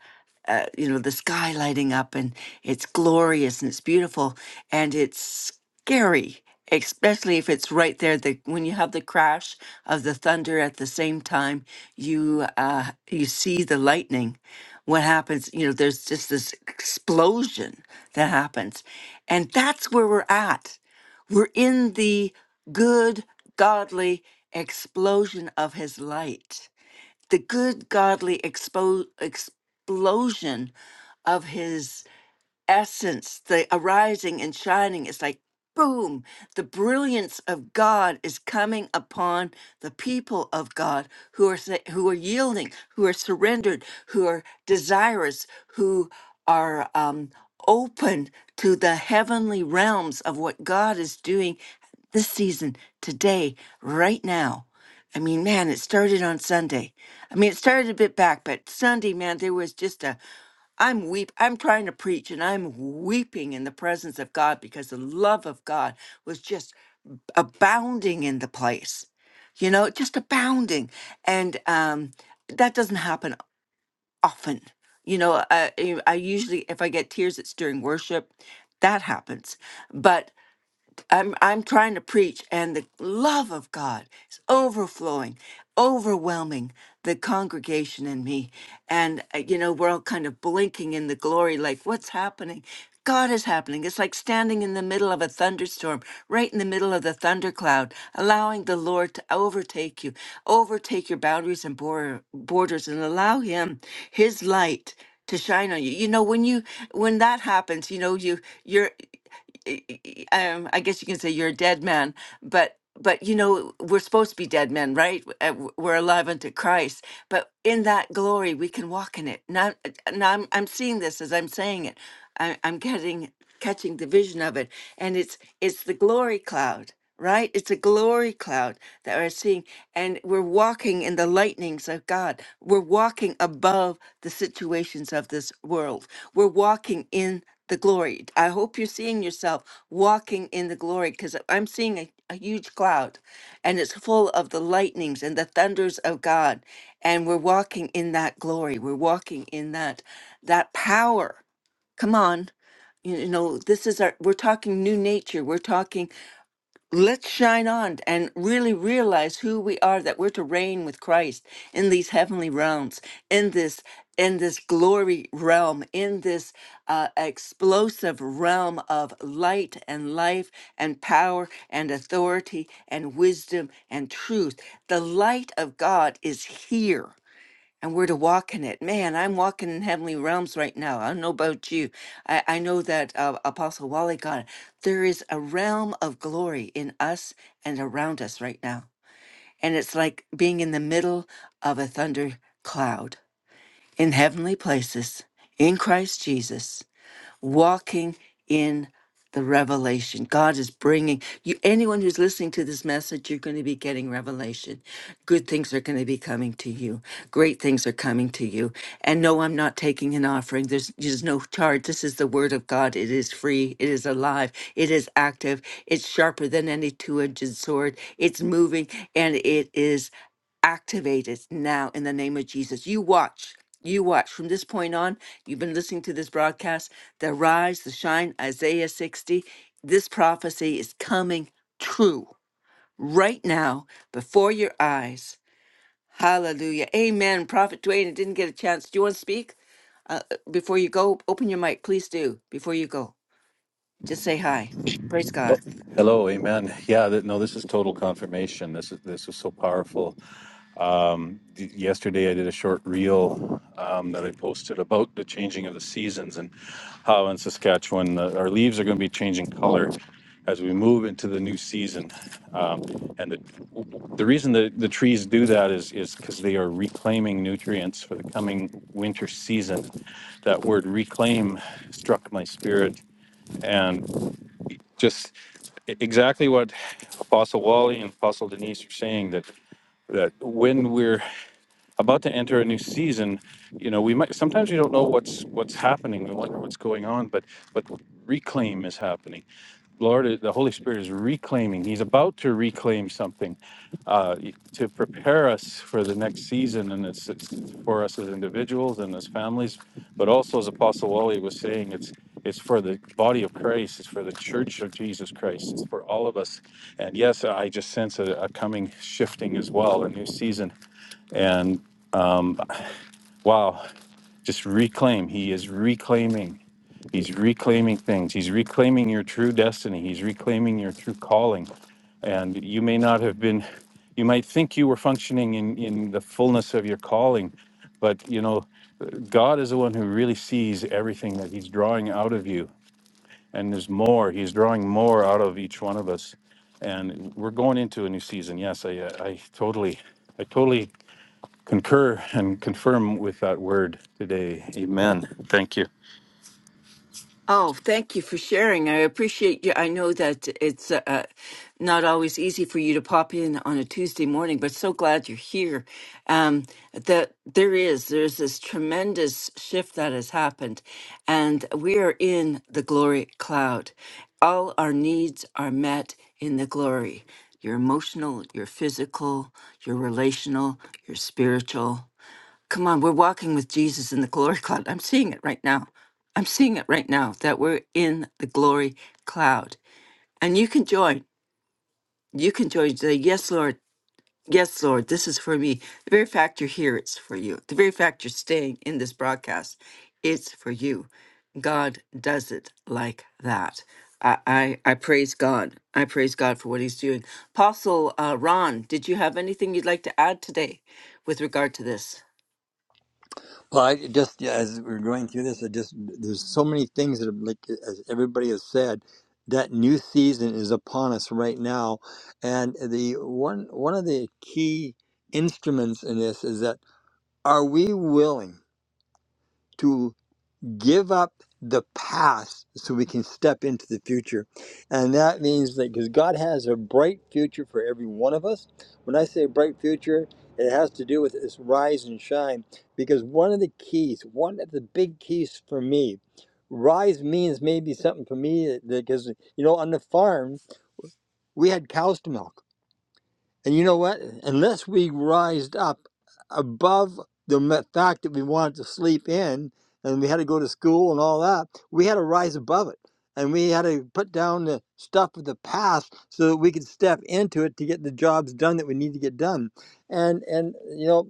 A: uh, you know the sky lighting up and it's glorious and it's beautiful and it's scary, especially if it's right there. The when you have the crash of the thunder at the same time, you uh, you see the lightning. What happens? You know, there's just this explosion that happens, and that's where we're at we're in the good, godly explosion of his light, the good, godly expo- explosion of his essence, the arising and shining is like boom, the brilliance of God is coming upon the people of God who are sa- who are yielding, who are surrendered, who are desirous, who are um, open to the heavenly realms of what God is doing this season, today, right now. I mean, man, it started on Sunday. I mean, it started a bit back, but Sunday, man, there was just a I'm weep I'm trying to preach and I'm weeping in the presence of God because the love of God was just abounding in the place. You know, just abounding. And um that doesn't happen often. You know, I I I usually if I get tears it's during worship. That happens. But I'm I'm trying to preach, and the love of God is overflowing, overwhelming the congregation and me. And uh, you know, we're all kind of blinking in the glory, like what's happening? God is happening. It's like standing in the middle of a thunderstorm, right in the middle of the thundercloud, allowing the Lord to overtake you, overtake your boundaries and bor- borders, and allow Him, His light to shine on you. You know, when you when that happens, you know, you you're y- y- um, I guess you can say you're a dead man, but but you know we're supposed to be dead men, right? Uh, w- We're alive unto Christ, but in that glory we can walk in it. Now, uh, now I'm I'm seeing this as I'm saying it. I, I'm getting catching the vision of it, and it's it's the glory cloud, right? It's a glory cloud that we're seeing, and we're walking in the lightnings of God. We're walking above the situations of this world. We're walking in the glory. I hope you're seeing yourself walking in the glory because I'm seeing a, a huge cloud and it's full of the lightnings and the thunders of God. And we're walking in that glory. We're walking in that that power. Come on. You know, this is our we're talking new nature. We're talking let's shine on and really realize who we are that we're to reign with Christ in these heavenly realms in this in this glory realm in this uh, explosive realm of light and life and power and authority and wisdom and truth the light of God is here and we're to walk in it. Man, I'm walking in heavenly realms right now. I don't know about you. I, I know that uh, Apostle Wally got it. There is a realm of glory in us and around us right now. And it's like being in the middle of a thunder cloud in heavenly places in Christ Jesus walking in the revelation. God is bringing you, anyone who's listening to this message, you're going to be getting revelation. Good things are going to be coming to you. Great things are coming to you. And no, I'm not taking an offering. There's, there's no charge. This is the word of God. It is free. It is alive. It is active. It's sharper than any two edged sword. It's moving and it is. Activate it now in the name of Jesus. You watch. You watch. From this point on, you've been listening to this broadcast. The rise, the shine, Isaiah 60. This prophecy is coming true right now before your eyes. Hallelujah. Amen. Prophet Dwayne, I didn't get a chance. Do you want to speak? Uh, before you go, open your mic. Please do. Before you go, just say hi. Praise God.
E: Hello, amen. Yeah, th- no, this is total confirmation. This is this was so powerful. Um, y- yesterday, I did a short reel um, that I posted about the changing of the seasons and how in Saskatchewan uh, our leaves are going to be changing color as we move into the new season. Um, and the, the reason that the trees do that is is because they are reclaiming nutrients for the coming winter season. That word "reclaim" struck my spirit, just e- exactly what Apostle Wally and Apostle Denise are saying that that when we're about to enter a new season you know we might sometimes we don't know what's what's happening we wonder what's going on but but reclaim is happening lord the holy spirit is reclaiming he's about to reclaim something uh, to prepare us for the next season and it's, it's for us as individuals and as families but also as apostle wally was saying it's it's for the body of christ it's for the church of jesus christ it's for all of us and yes i just sense a, a coming shifting as well a new season and. Wow. Just reclaim. He is reclaiming. He's reclaiming things. He's reclaiming your true destiny. He's reclaiming your true calling. And you may not have been, you might think you were functioning in, in the fullness of your calling, but you know, God is the one who really sees everything that He's drawing out of you. And there's more. He's drawing more out of each one of us. And we're going into a new season. Yes, I, I totally, I totally concur and confirm with that word today. Amen. Thank you.
A: Oh, thank you for sharing. I appreciate you. I know that it's uh, uh, not always easy for you to pop in on a Tuesday morning, but so glad you're here. Um, that there is there's this tremendous shift that has happened, and we are in the glory cloud. All our needs are met in the glory. Your emotional, your physical, your relational, your spiritual. Come on, we're walking with Jesus in the glory cloud. I'm seeing it right now. I'm seeing it right now that we're in the glory cloud. And you can join. You can join. Say, Yes, Lord. Yes, Lord. This is for me. The very fact you're here, it's for you. The very fact you're staying in this broadcast, it's for you. God does it like that. I, I, I praise God. I praise God for what he's doing. Apostle uh, Ron, did you have anything you'd like to add today with regard to this?
C: Well, I just yeah, as we're going through this, I just there's so many things that, have, like as everybody has said, that new season is upon us right now, and the one one of the key instruments in this is that are we willing to? give up the past so we can step into the future. And that means that because God has a bright future for every one of us. When I say bright future, it has to do with this rise and shine. Because one of the keys, one of the big keys for me, rise means maybe something for me because, you know, on the farm, we had cows to milk and you know what? Unless we rised up above the me- fact that we wanted to sleep in and we had to go to school and all that, we had to rise above it. And we had to put down the stuff of the past so that we could step into it to get the jobs done that we need to get done. And and you know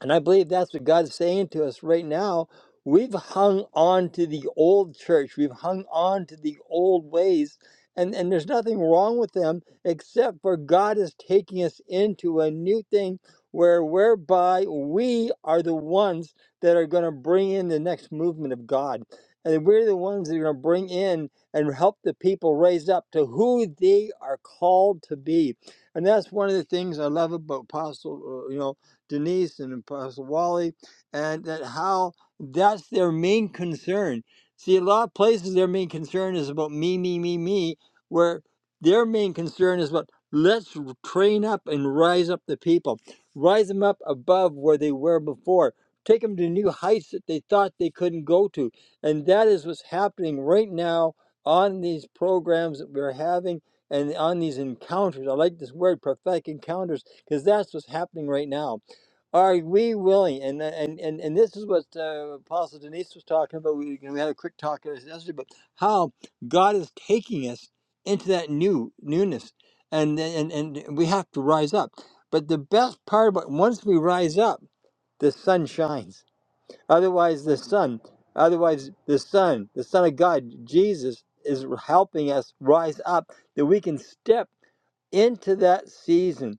C: and I believe that's what God's saying to us right now. We've hung on to the old church, we've hung on to the old ways, and, and there's nothing wrong with them except for God is taking us into a new thing where whereby we are the ones that are going to bring in the next movement of God. And we're the ones that are going to bring in and help the people raise up to who they are called to be. And that's one of the things I love about Apostle, uh, you know, Denise and Apostle Wally, and that how that's their main concern. See, a lot of places their main concern is about me, me, me, me, where their main concern is about let's train up and rise up the people, rise them up above where they were before, take them to new heights that they thought they couldn't go to. And that is what's happening right now on these programs that we're having and on these encounters. I like this word, prophetic encounters, because that's what's happening right now are we willing? And uh, and and, and this is what uh, Apostle Denise was talking about. We, you know, we had a quick talk about this yesterday about how God is taking us into that new newness, and and and we have to rise up. But the best part about once we rise up, the sun shines. Otherwise, the sun, otherwise the sun, the Son of God, Jesus, is helping us rise up that we can step into that season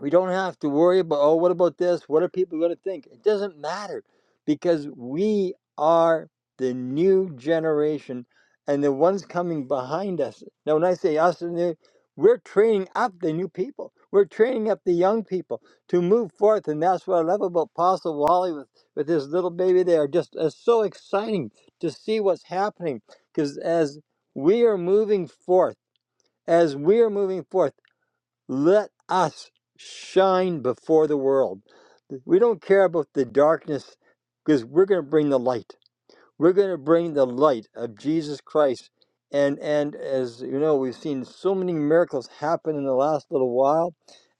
C: we don't have to worry about, oh, what about this? What are people going to think? It doesn't matter because we are the new generation and the ones coming behind us. Now, when I say us, we're training up the new people. We're training up the young people to move forth. And that's what I love about Apostle Wally with, with his little baby there. Just it's so exciting to see what's happening because as we are moving forth, as we are moving forth, let us shine before the world. We don't care about the darkness because we're going to bring the light. We're going to bring the light of Jesus Christ. And and as you know, we've seen so many miracles happen in the last little while.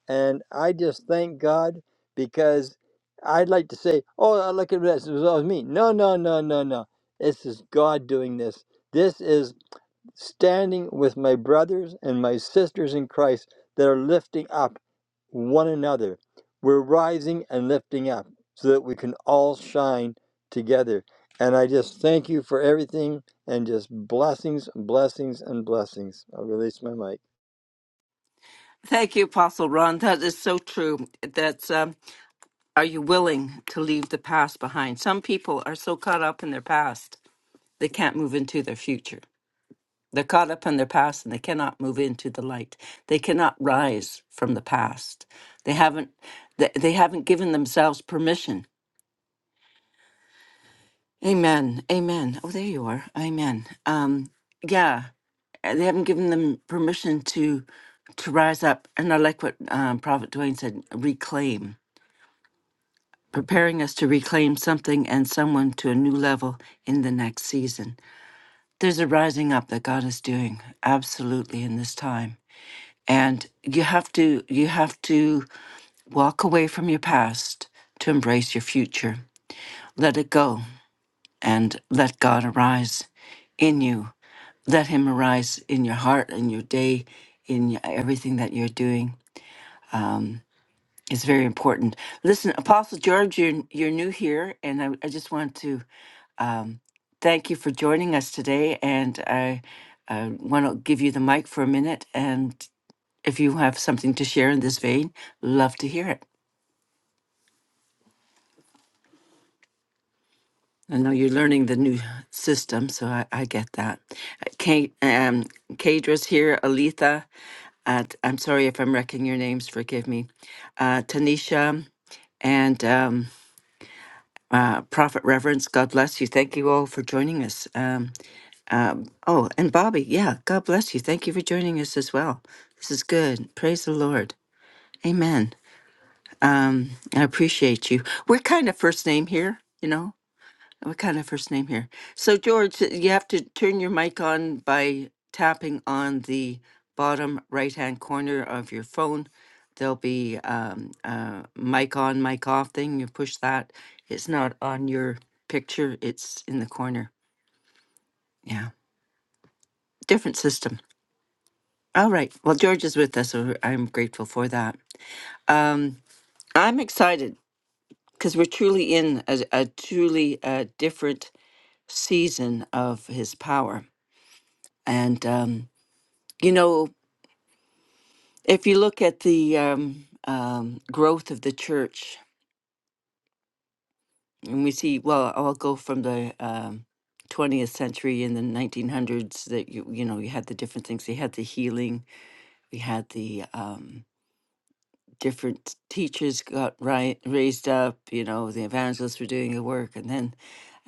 C: And I just thank God because I'd like to say, oh, look at this. It was always me. No, no, no, no, no. This is God doing this. This is standing with my brothers and my sisters in Christ that are lifting up one another. We're rising and lifting up so that we can all shine together. And I just thank you for everything and just blessings, blessings, and blessings. I'll release my mic.
A: Thank you, Apostle Ron. That is so true. That's um, are you willing to leave the past behind? Some people are so caught up in their past they can't move into their future. They're caught up in their past and they cannot move into the light. They cannot rise from the past. They haven't they, they haven't given themselves permission. Amen. Amen. Oh, there you are. Amen. Um, yeah, uh, they haven't given them permission to to rise up. And I like what um, Prophet Dwayne said: reclaim. preparing us to reclaim something and someone to a new level in the next season. There's a rising up that God is doing absolutely in this time. And you have to you have to walk away from your past to embrace your future. Let it go and let God arise in you. Let him arise in your heart in your day in everything that you're doing. It's very important. Listen, Apostle George, you're, you're new here, and I, I just want to Um, thank you for joining us today, and I, I want to give you the mic for a minute. And if you have something to share in this vein, love to hear it. I know you're learning the new system, so I, I get that. Uh, Kate, um, Kadra's here, Aletha. Uh, t- I'm sorry if I'm wrecking your names, forgive me. Uh, Tanisha and um, uh, Prophet Reverence, God bless you. Thank you all for joining us. Um, Um, oh, and Bobby, yeah, God bless you. Thank you for joining us as well. This is good. Praise the Lord. Amen. Um, I appreciate you. We're kind of first name here, you know? We're kind of first name here. So, George, you have to turn your mic on by tapping on the bottom right hand corner of your phone. There'll be um, a mic on, mic off thing. You push that. It's not on your picture, it's in the corner. Yeah. Different system. All right. Well, George is with us, so I'm grateful for that. Um, I'm excited because we're truly in a, a truly uh, different season of his power. And, um, you know, if you look at the um, um, growth of the church, and we see, well, I'll go from the um, 20th century in the 1900s that you you know you had the different things you had the healing you had the um, different teachers got right, raised up. You know, the evangelists were doing the work, and then,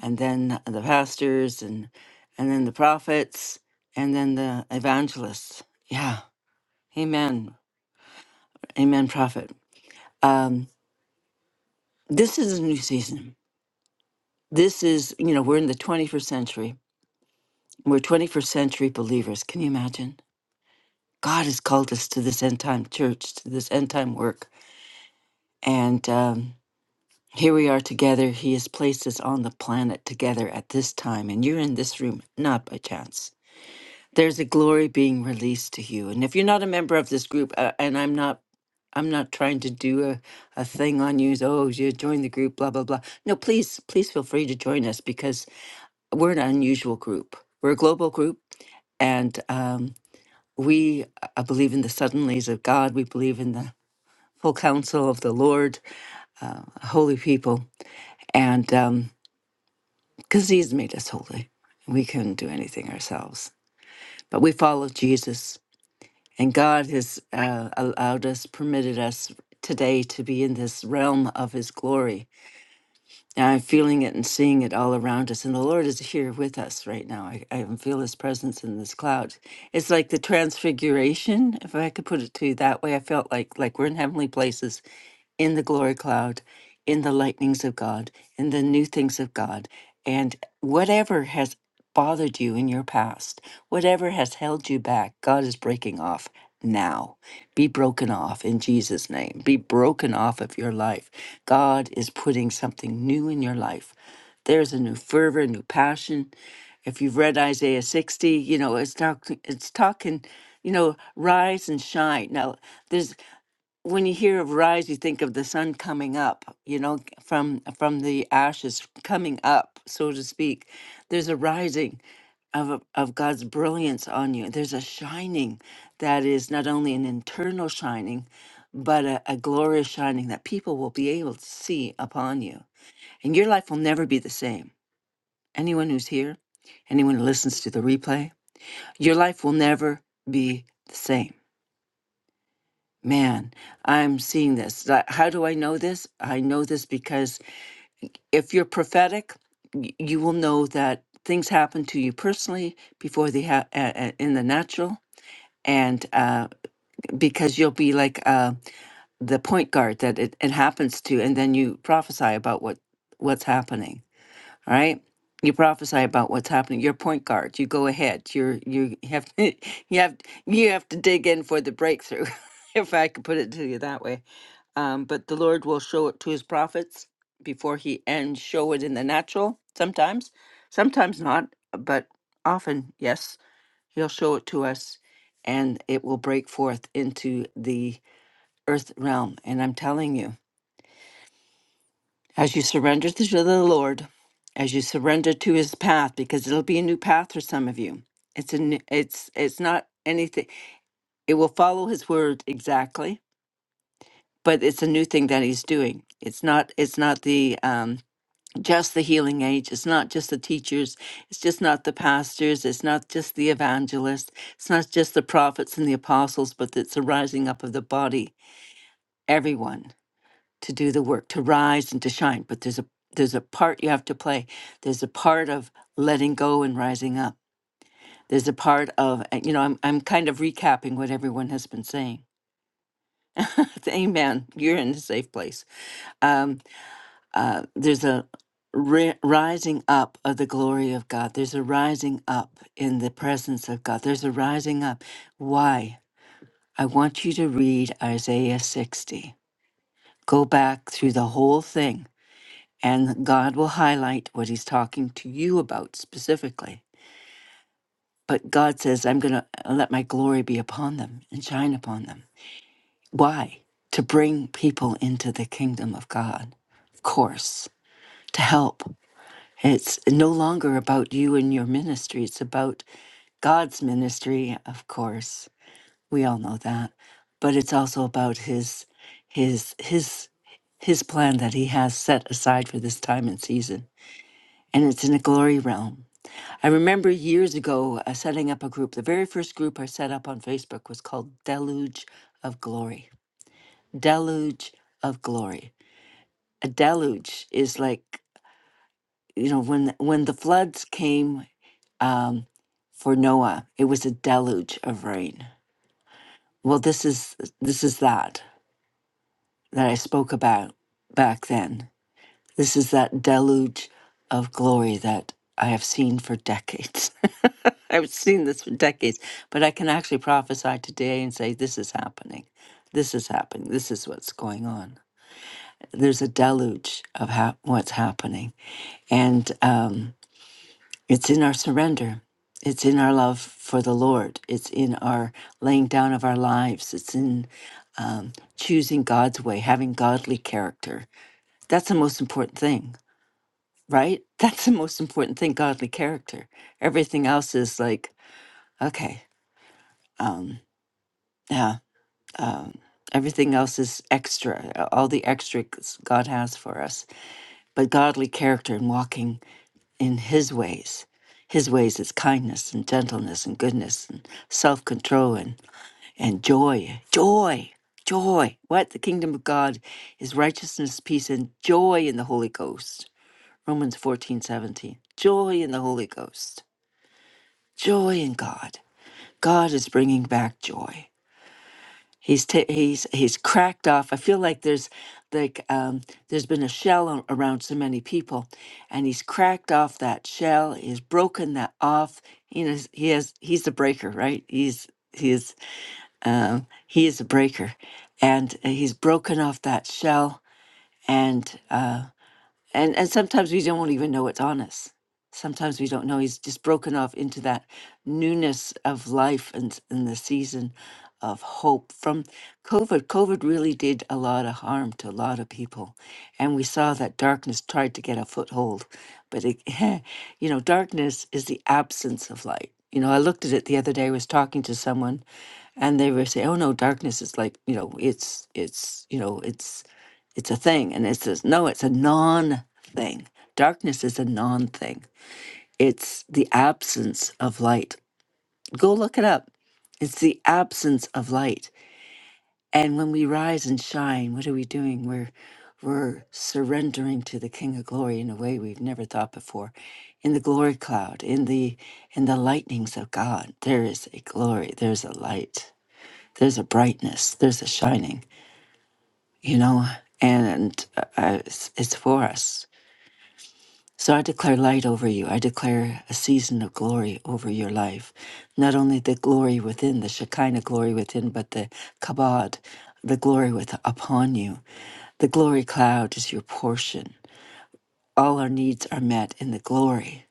A: and then the pastors, and and then the prophets, and then the evangelists. Yeah, Amen, Amen, prophet. Um, this is a new season. This is, you know, we're in the 21st century. We're 21st century believers. Can you imagine? God has called us to this end time church, to this end time work, and um, Here we are together. He has placed us on the planet together at this time, and you're in this room not by chance. There's a glory being released to you, and if you're not a member of this group, uh, and I'm not, I'm not trying to do a, a thing on you. so, Oh, you join the group, blah blah blah. No, please, please feel free to join us because we're an unusual group. We're a global group, and um, we uh, believe in the suddenlies of God. We believe in the full counsel of the Lord, uh, holy people, and. Um, because he's made us holy. We couldn't do anything ourselves, but we follow Jesus, and God has uh, allowed us, permitted us today to be in this realm of His glory. And I'm feeling it and seeing it all around us, and the Lord is here with us right now. I, I can feel His presence in this cloud. It's like the transfiguration, if I could put it to you that way. I felt like like we're in heavenly places, in the glory cloud, in the lightnings of God, in the new things of God, and whatever has bothered you in your past, whatever has held you back, God is breaking off now. Be broken off in Jesus' name. Be broken off of your life. God is putting something new in your life. There's a new fervor, new passion. If you've read Isaiah 60, you know, it's talk, it's talking, you know, rise and shine. Now, there's when you hear of rise, you think of the sun coming up, you know, from from the ashes coming up, so to speak. There's a rising of of God's brilliance on you. There's a shining that is not only an internal shining, but a, a glorious shining that people will be able to see upon you. And your life will never be the same. Anyone who's here, anyone who listens to the replay, your life will never be the same Man, I'm seeing this. That- How do I know this? I know this because if you're prophetic, y- you will know that things happen to you personally before they ha- uh, uh, in the natural, and uh, because you'll be like uh, the point guard that it, it happens to, and then you prophesy about what what's happening. All right, you prophesy about what's happening. You're point guard. You go ahead. You're you have you have you have to dig in for the breakthrough, if I could put it to you that way um, but the Lord will show it to his prophets before he and show it in the natural sometimes, sometimes not, but often, yes, he'll show it to us and it will break forth into the earth realm. And I'm telling you, as you surrender to the Lord, as you surrender to his path, because it'll be a new path for some of you. It's a new, it's it's not anything. It will follow his word exactly, but it's a new thing that he's doing. It's not it's not the um just the healing age. It's not just the teachers. It's just not the pastors. It's not just the evangelists. It's not just the prophets and the apostles, but it's a rising up of the body, everyone to do the work, to rise and to shine. But there's a there's a part you have to play. There's a part of letting go and rising up. There's a part of uh, you know I'm I'm kind of recapping what everyone has been saying. Amen. You're in a safe place. Um, uh, there's a ri- rising up of the glory of God. There's a rising up in the presence of God. There's a rising up. Why? I want you to read Isaiah 60. Go back through the whole thing, and God will highlight what He's talking to you about specifically. But God says, I'm going to let my glory be upon them and shine upon them. Why? To bring people into the kingdom of God, of course, to help. It's no longer about you and your ministry. It's about God's ministry, of course. We all know that. But it's also about his his his his plan that he has set aside for this time and season. And it's in a glory realm. I remember years ago uh, setting up a group. The very first group I set up on Facebook was called Deluge of Glory. Deluge of Glory. A deluge is like, you know, when when the floods came um, for Noah. It was a deluge of rain. Well, this is this is that that I spoke about back then. This is that deluge of glory that I have seen for decades. I've seen this for decades, but I can actually prophesy today and say this is happening. This is happening. This is what's going on. There's a deluge of hap what's happening, and um, It's in our surrender. It's in our love for the Lord. It's in our laying down of our lives. It's in um, choosing God's way, having godly character. That's the most important thing, right? That's the most important thing godly character. Everything else is like, okay, um, yeah. Um, everything else is extra, all the extras God has for us. But godly character and walking in his ways. His ways is kindness and gentleness and goodness and self control and, and joy. Joy. Joy. What? The kingdom of God is righteousness, peace, and joy in the Holy Ghost. Romans fourteen seventeen. Joy in the Holy Ghost. Joy in God. God is bringing back joy. He's ta he's he's cracked off. I feel like there's like um, there's been a shell a- around so many people, and he's cracked off that shell. He's broken that off. You know, he has he's the breaker, right? He's he is um, he is a breaker, and uh, he's broken off that shell. And uh, and and sometimes we don't even know it's on us sometimes we don't know he's just broken off into that newness of life and in the season of hope from covid covid really did a lot of harm to a lot of people and we saw that darkness tried to get a foothold but it you know darkness is the absence of light you know i looked at it the other day i was talking to someone and they would say, "Oh no, darkness is like you know, it's it's you know, it's it's a thing." And it says, "No, it's a non-thing. Darkness is a non-thing. It's the absence of light. Go look it up. It's the absence of light. And when we rise and shine, what are we doing? We're we're surrendering to the King of Glory in a way we've never thought before. In the glory cloud, in the in the lightnings of God, there is a glory. There's a light." there's a brightness, there's a shining, you know, and uh, uh, it's, it's for us. So I declare light over you. I declare a season of glory over your life. Not only the glory within, the Shekinah glory within, but the Kabod, the glory with upon you. The glory cloud is your portion. All our needs are met in the glory.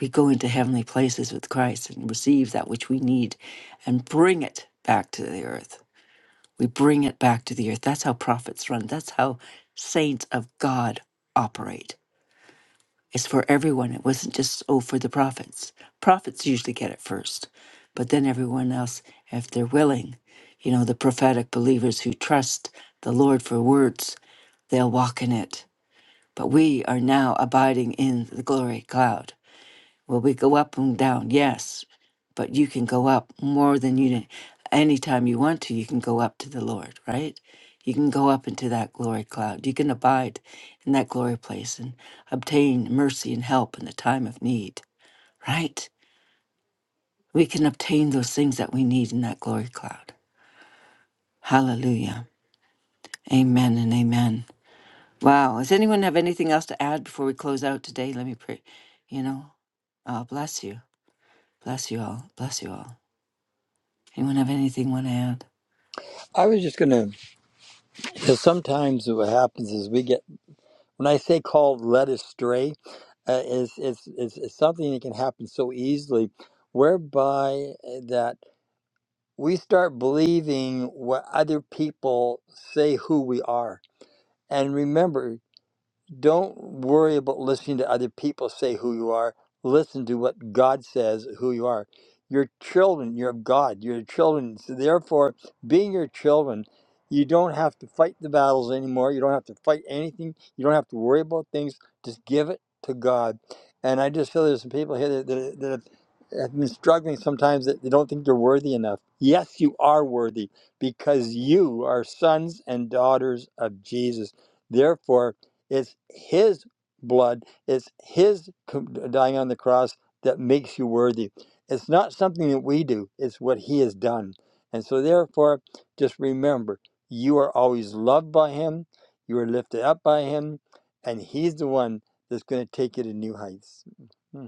A: We go into heavenly places with Christ and receive that which we need and bring it back to the earth. We bring it back to the earth. That's how prophets run. That's how saints of God operate. It's for everyone. It wasn't just, oh, for the prophets. Prophets usually get it first, but then everyone else, if they're willing, you know, the prophetic believers who trust the Lord for words, they'll walk in it. But we are now abiding in the glory cloud. Well, we go up and down, yes, but you can go up more than you did. Anytime you want to, you can go up to the Lord, right? You can go up into that glory cloud. You can abide in that glory place and obtain mercy and help in the time of need, right? We can obtain those things that we need in that glory cloud. Hallelujah. Amen and amen. Wow. Does anyone have anything else to add before we close out today? Let me pray. You know, uh, bless you. Bless you all. Bless you all. Anyone have anything want to add?
C: I was just going to, because sometimes what happens is we get, when I say called led astray, uh, it's, it's, it's, it's something that can happen so easily, whereby that. we start believing what other people say who we are. And remember, don't worry about listening to other people say who you are. Listen to what God says who you are. You're children, you're of God, you're children. So therefore, being your children, you don't have to fight the battles anymore. You don't have to fight anything. You don't have to worry about things. Just give it to God. And I just feel there's some people here that, that, that have have been struggling sometimes that they don't think they're worthy enough. Yes, you are worthy because you are sons and daughters of Jesus. Therefore, it's His blood, it's His dying on the cross that makes you worthy. It's not something that we do, it's what He has done. And so, therefore, just remember you are always loved by Him, you are lifted up by Him, and He's the one that's going to take you to new heights. Hmm.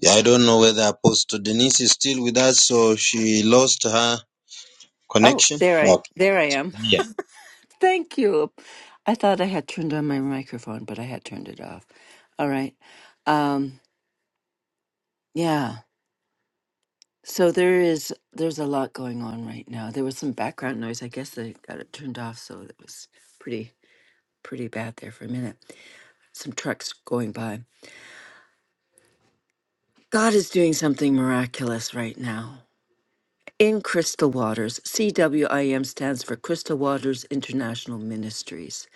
B: Yeah, I don't know whether Apostle Denise is still with us or she lost her
A: Oh,
B: connection.
A: there I
B: Okay.
A: there I am.
B: Yeah.
A: Thank you. I thought I had turned on my microphone, but I had turned it off. All right. Um yeah. So there is there's a lot going on right now. There was some background noise. I guess they got it turned off, so it was pretty pretty bad there for a minute. Some trucks going by. God is doing something miraculous right now. In Crystal Waters, CWIM stands for Crystal Waters International Ministries.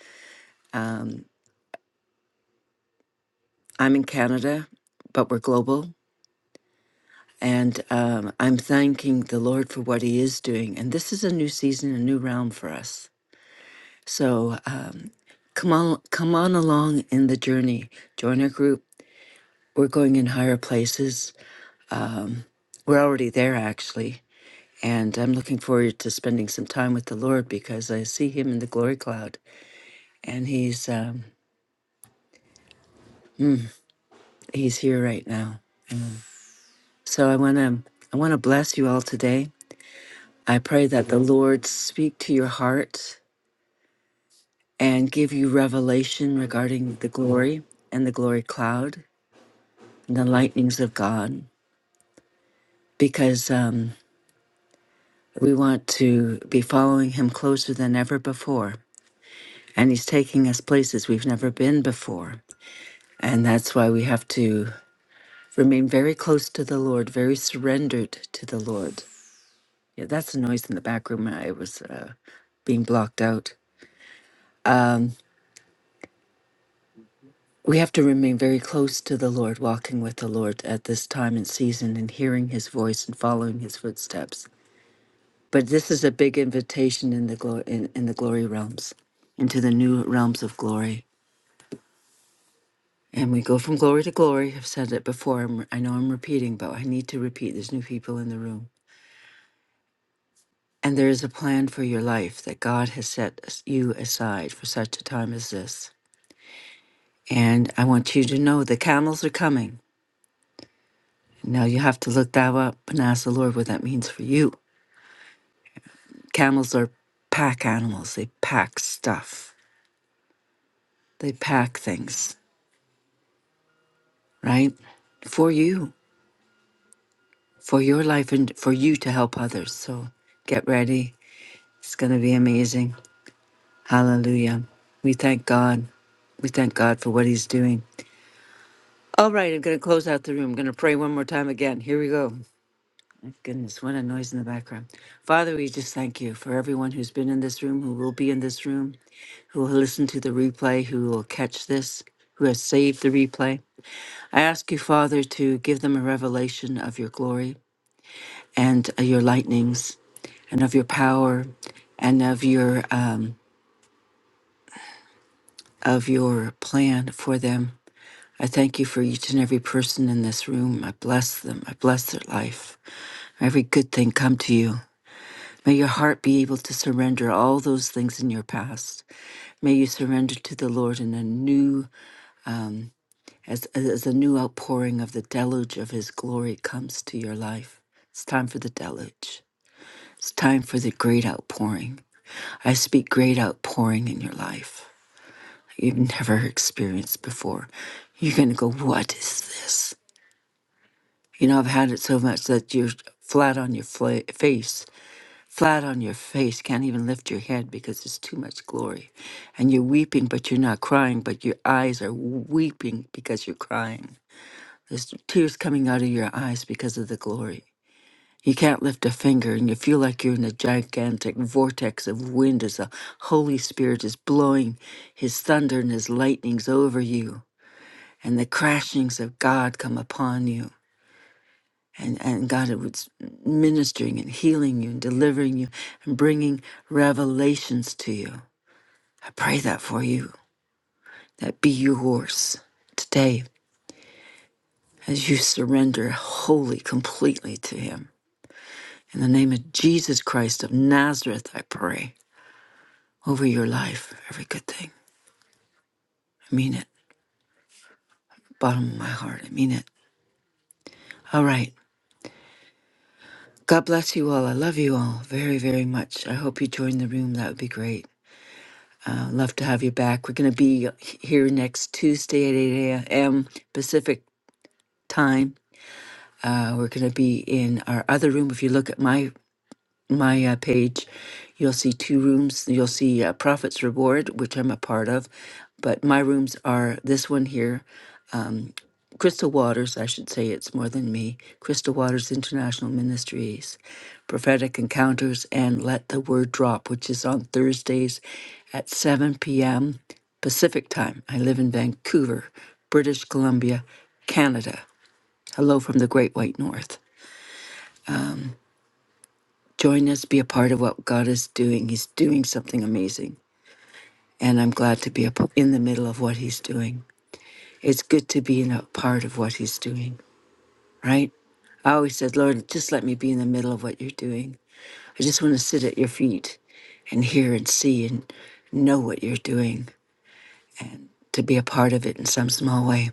A: Um, I'm in Canada, but we're global. And um, I'm thanking the Lord for what He is doing. And this is a new season, a new realm for us. So um, come on, come on along in the journey. Join our group. We're going in higher places. Um, we're already there, actually. And I'm looking forward to spending some time with the Lord because I see Him in the glory cloud, and He's um, He's here right now. So I want to I want to bless you all today. I pray that the Lord speak to your heart and give you revelation regarding the glory and the glory cloud and the lightnings of God, because um, we want to be following Him closer than ever before. And He's taking us places we've never been before. And that's why we have to remain very close to the Lord, very surrendered to the Lord. Yeah, that's the noise in the back room. I was uh, being blocked out. We have to remain very close to the Lord, walking with the Lord at this time and season and hearing his voice and following his footsteps. But this is a big invitation in the glory in, in the glory realms, into the new realms of glory. And we go from glory to glory. I've said it before. I'm, I know I'm repeating, but I need to repeat. There's new people in the room. And there is a plan for your life that God has set as- you aside for such a time as this. And I want you to know the camels are coming. Now you have to look that up and ask the Lord what that means for you. Camels are pack animals, they pack stuff, they pack things, right? For you, for your life, and for you to help others. So get ready. It's going to be amazing. Hallelujah. We thank God. We thank God for what He's doing. All right, I'm going to close out the room. I'm going to pray one more time again. Here we go. Goodness, what a noise in the background. Father, we just thank you for everyone who's been in this room, who will be in this room, who will listen to the replay, who will catch this, who has saved the replay. I ask you, Father, to give them a revelation of your glory and uh, your lightnings and of your power and of your um, of your plan for them. I thank you for each and every person in this room. I bless them. I bless their life. Every good thing come to you. May your heart be able to surrender all those things in your past. May you surrender to the Lord in a new, as, as a new outpouring of the deluge of His glory comes to your life. It's time for the deluge. It's time for the great outpouring. I speak great outpouring in your life you've never experienced before. You're going to go, What is this? You know, I've had it so much that you're flat on your fla- face flat on your face, can't even lift your head because it's too much glory. And you're weeping, but you're not crying, but your eyes are weeping because you're crying. There's tears coming out of your eyes because of the glory. You can't lift a finger, and you feel like you're in a gigantic vortex of wind as the Holy Spirit is blowing his thunder and his lightnings over you, and the crashings of God come upon you and and God it was ministering and healing you and delivering you and bringing revelations to you. I pray that for you. That be yours today as you surrender wholly, completely to Him. In the name of Jesus Christ of Nazareth, I pray over your life, every good thing. I mean it, bottom of my heart. I mean it. All right. God bless you all. I love you all very, very much. I hope you join the room. That would be great. Uh, love to have you back. We're going to be here next Tuesday at 8 a.m. Pacific time. Uh, we're going to be in our other room. If you look at my my uh, page, you'll see two rooms. You'll see uh, Prophet's Reward, which I'm a part of, but my rooms are this one here um, Crystal Waters, I should say it's more than me, Crystal Waters International Ministries, Prophetic Encounters, and Let the Word Drop, which is on Thursdays at 7 p.m. Pacific Time. I live in Vancouver, British Columbia, Canada. Hello from the Great White North. Join us, be a part of what God is doing. He's doing something amazing, and I'm glad to be a p in the middle of what He's doing. It's good to be in a part of what He's doing. right? I always said, Lord, just let me be in the middle of what you're doing. I just want to sit at your feet and hear and see and know what you're doing, to be a part of it in some small way.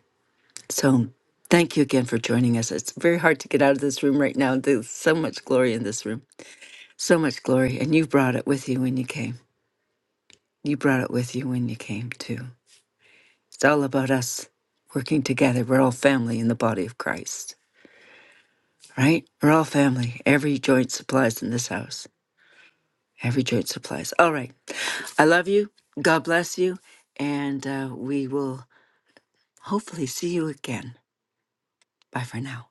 A: So thank you again for joining us. It's very hard to get out of this room right now. There's so much glory in this room, so much glory. And you brought it with you when you came. You brought it with you when you came, too. It's all about us working together. We're all family in the body of Christ, right? We're all family. Every joint supplies in this house. Every church supplies. All right. I love you. God bless you. And uh, we will hopefully see you again. Bye for now.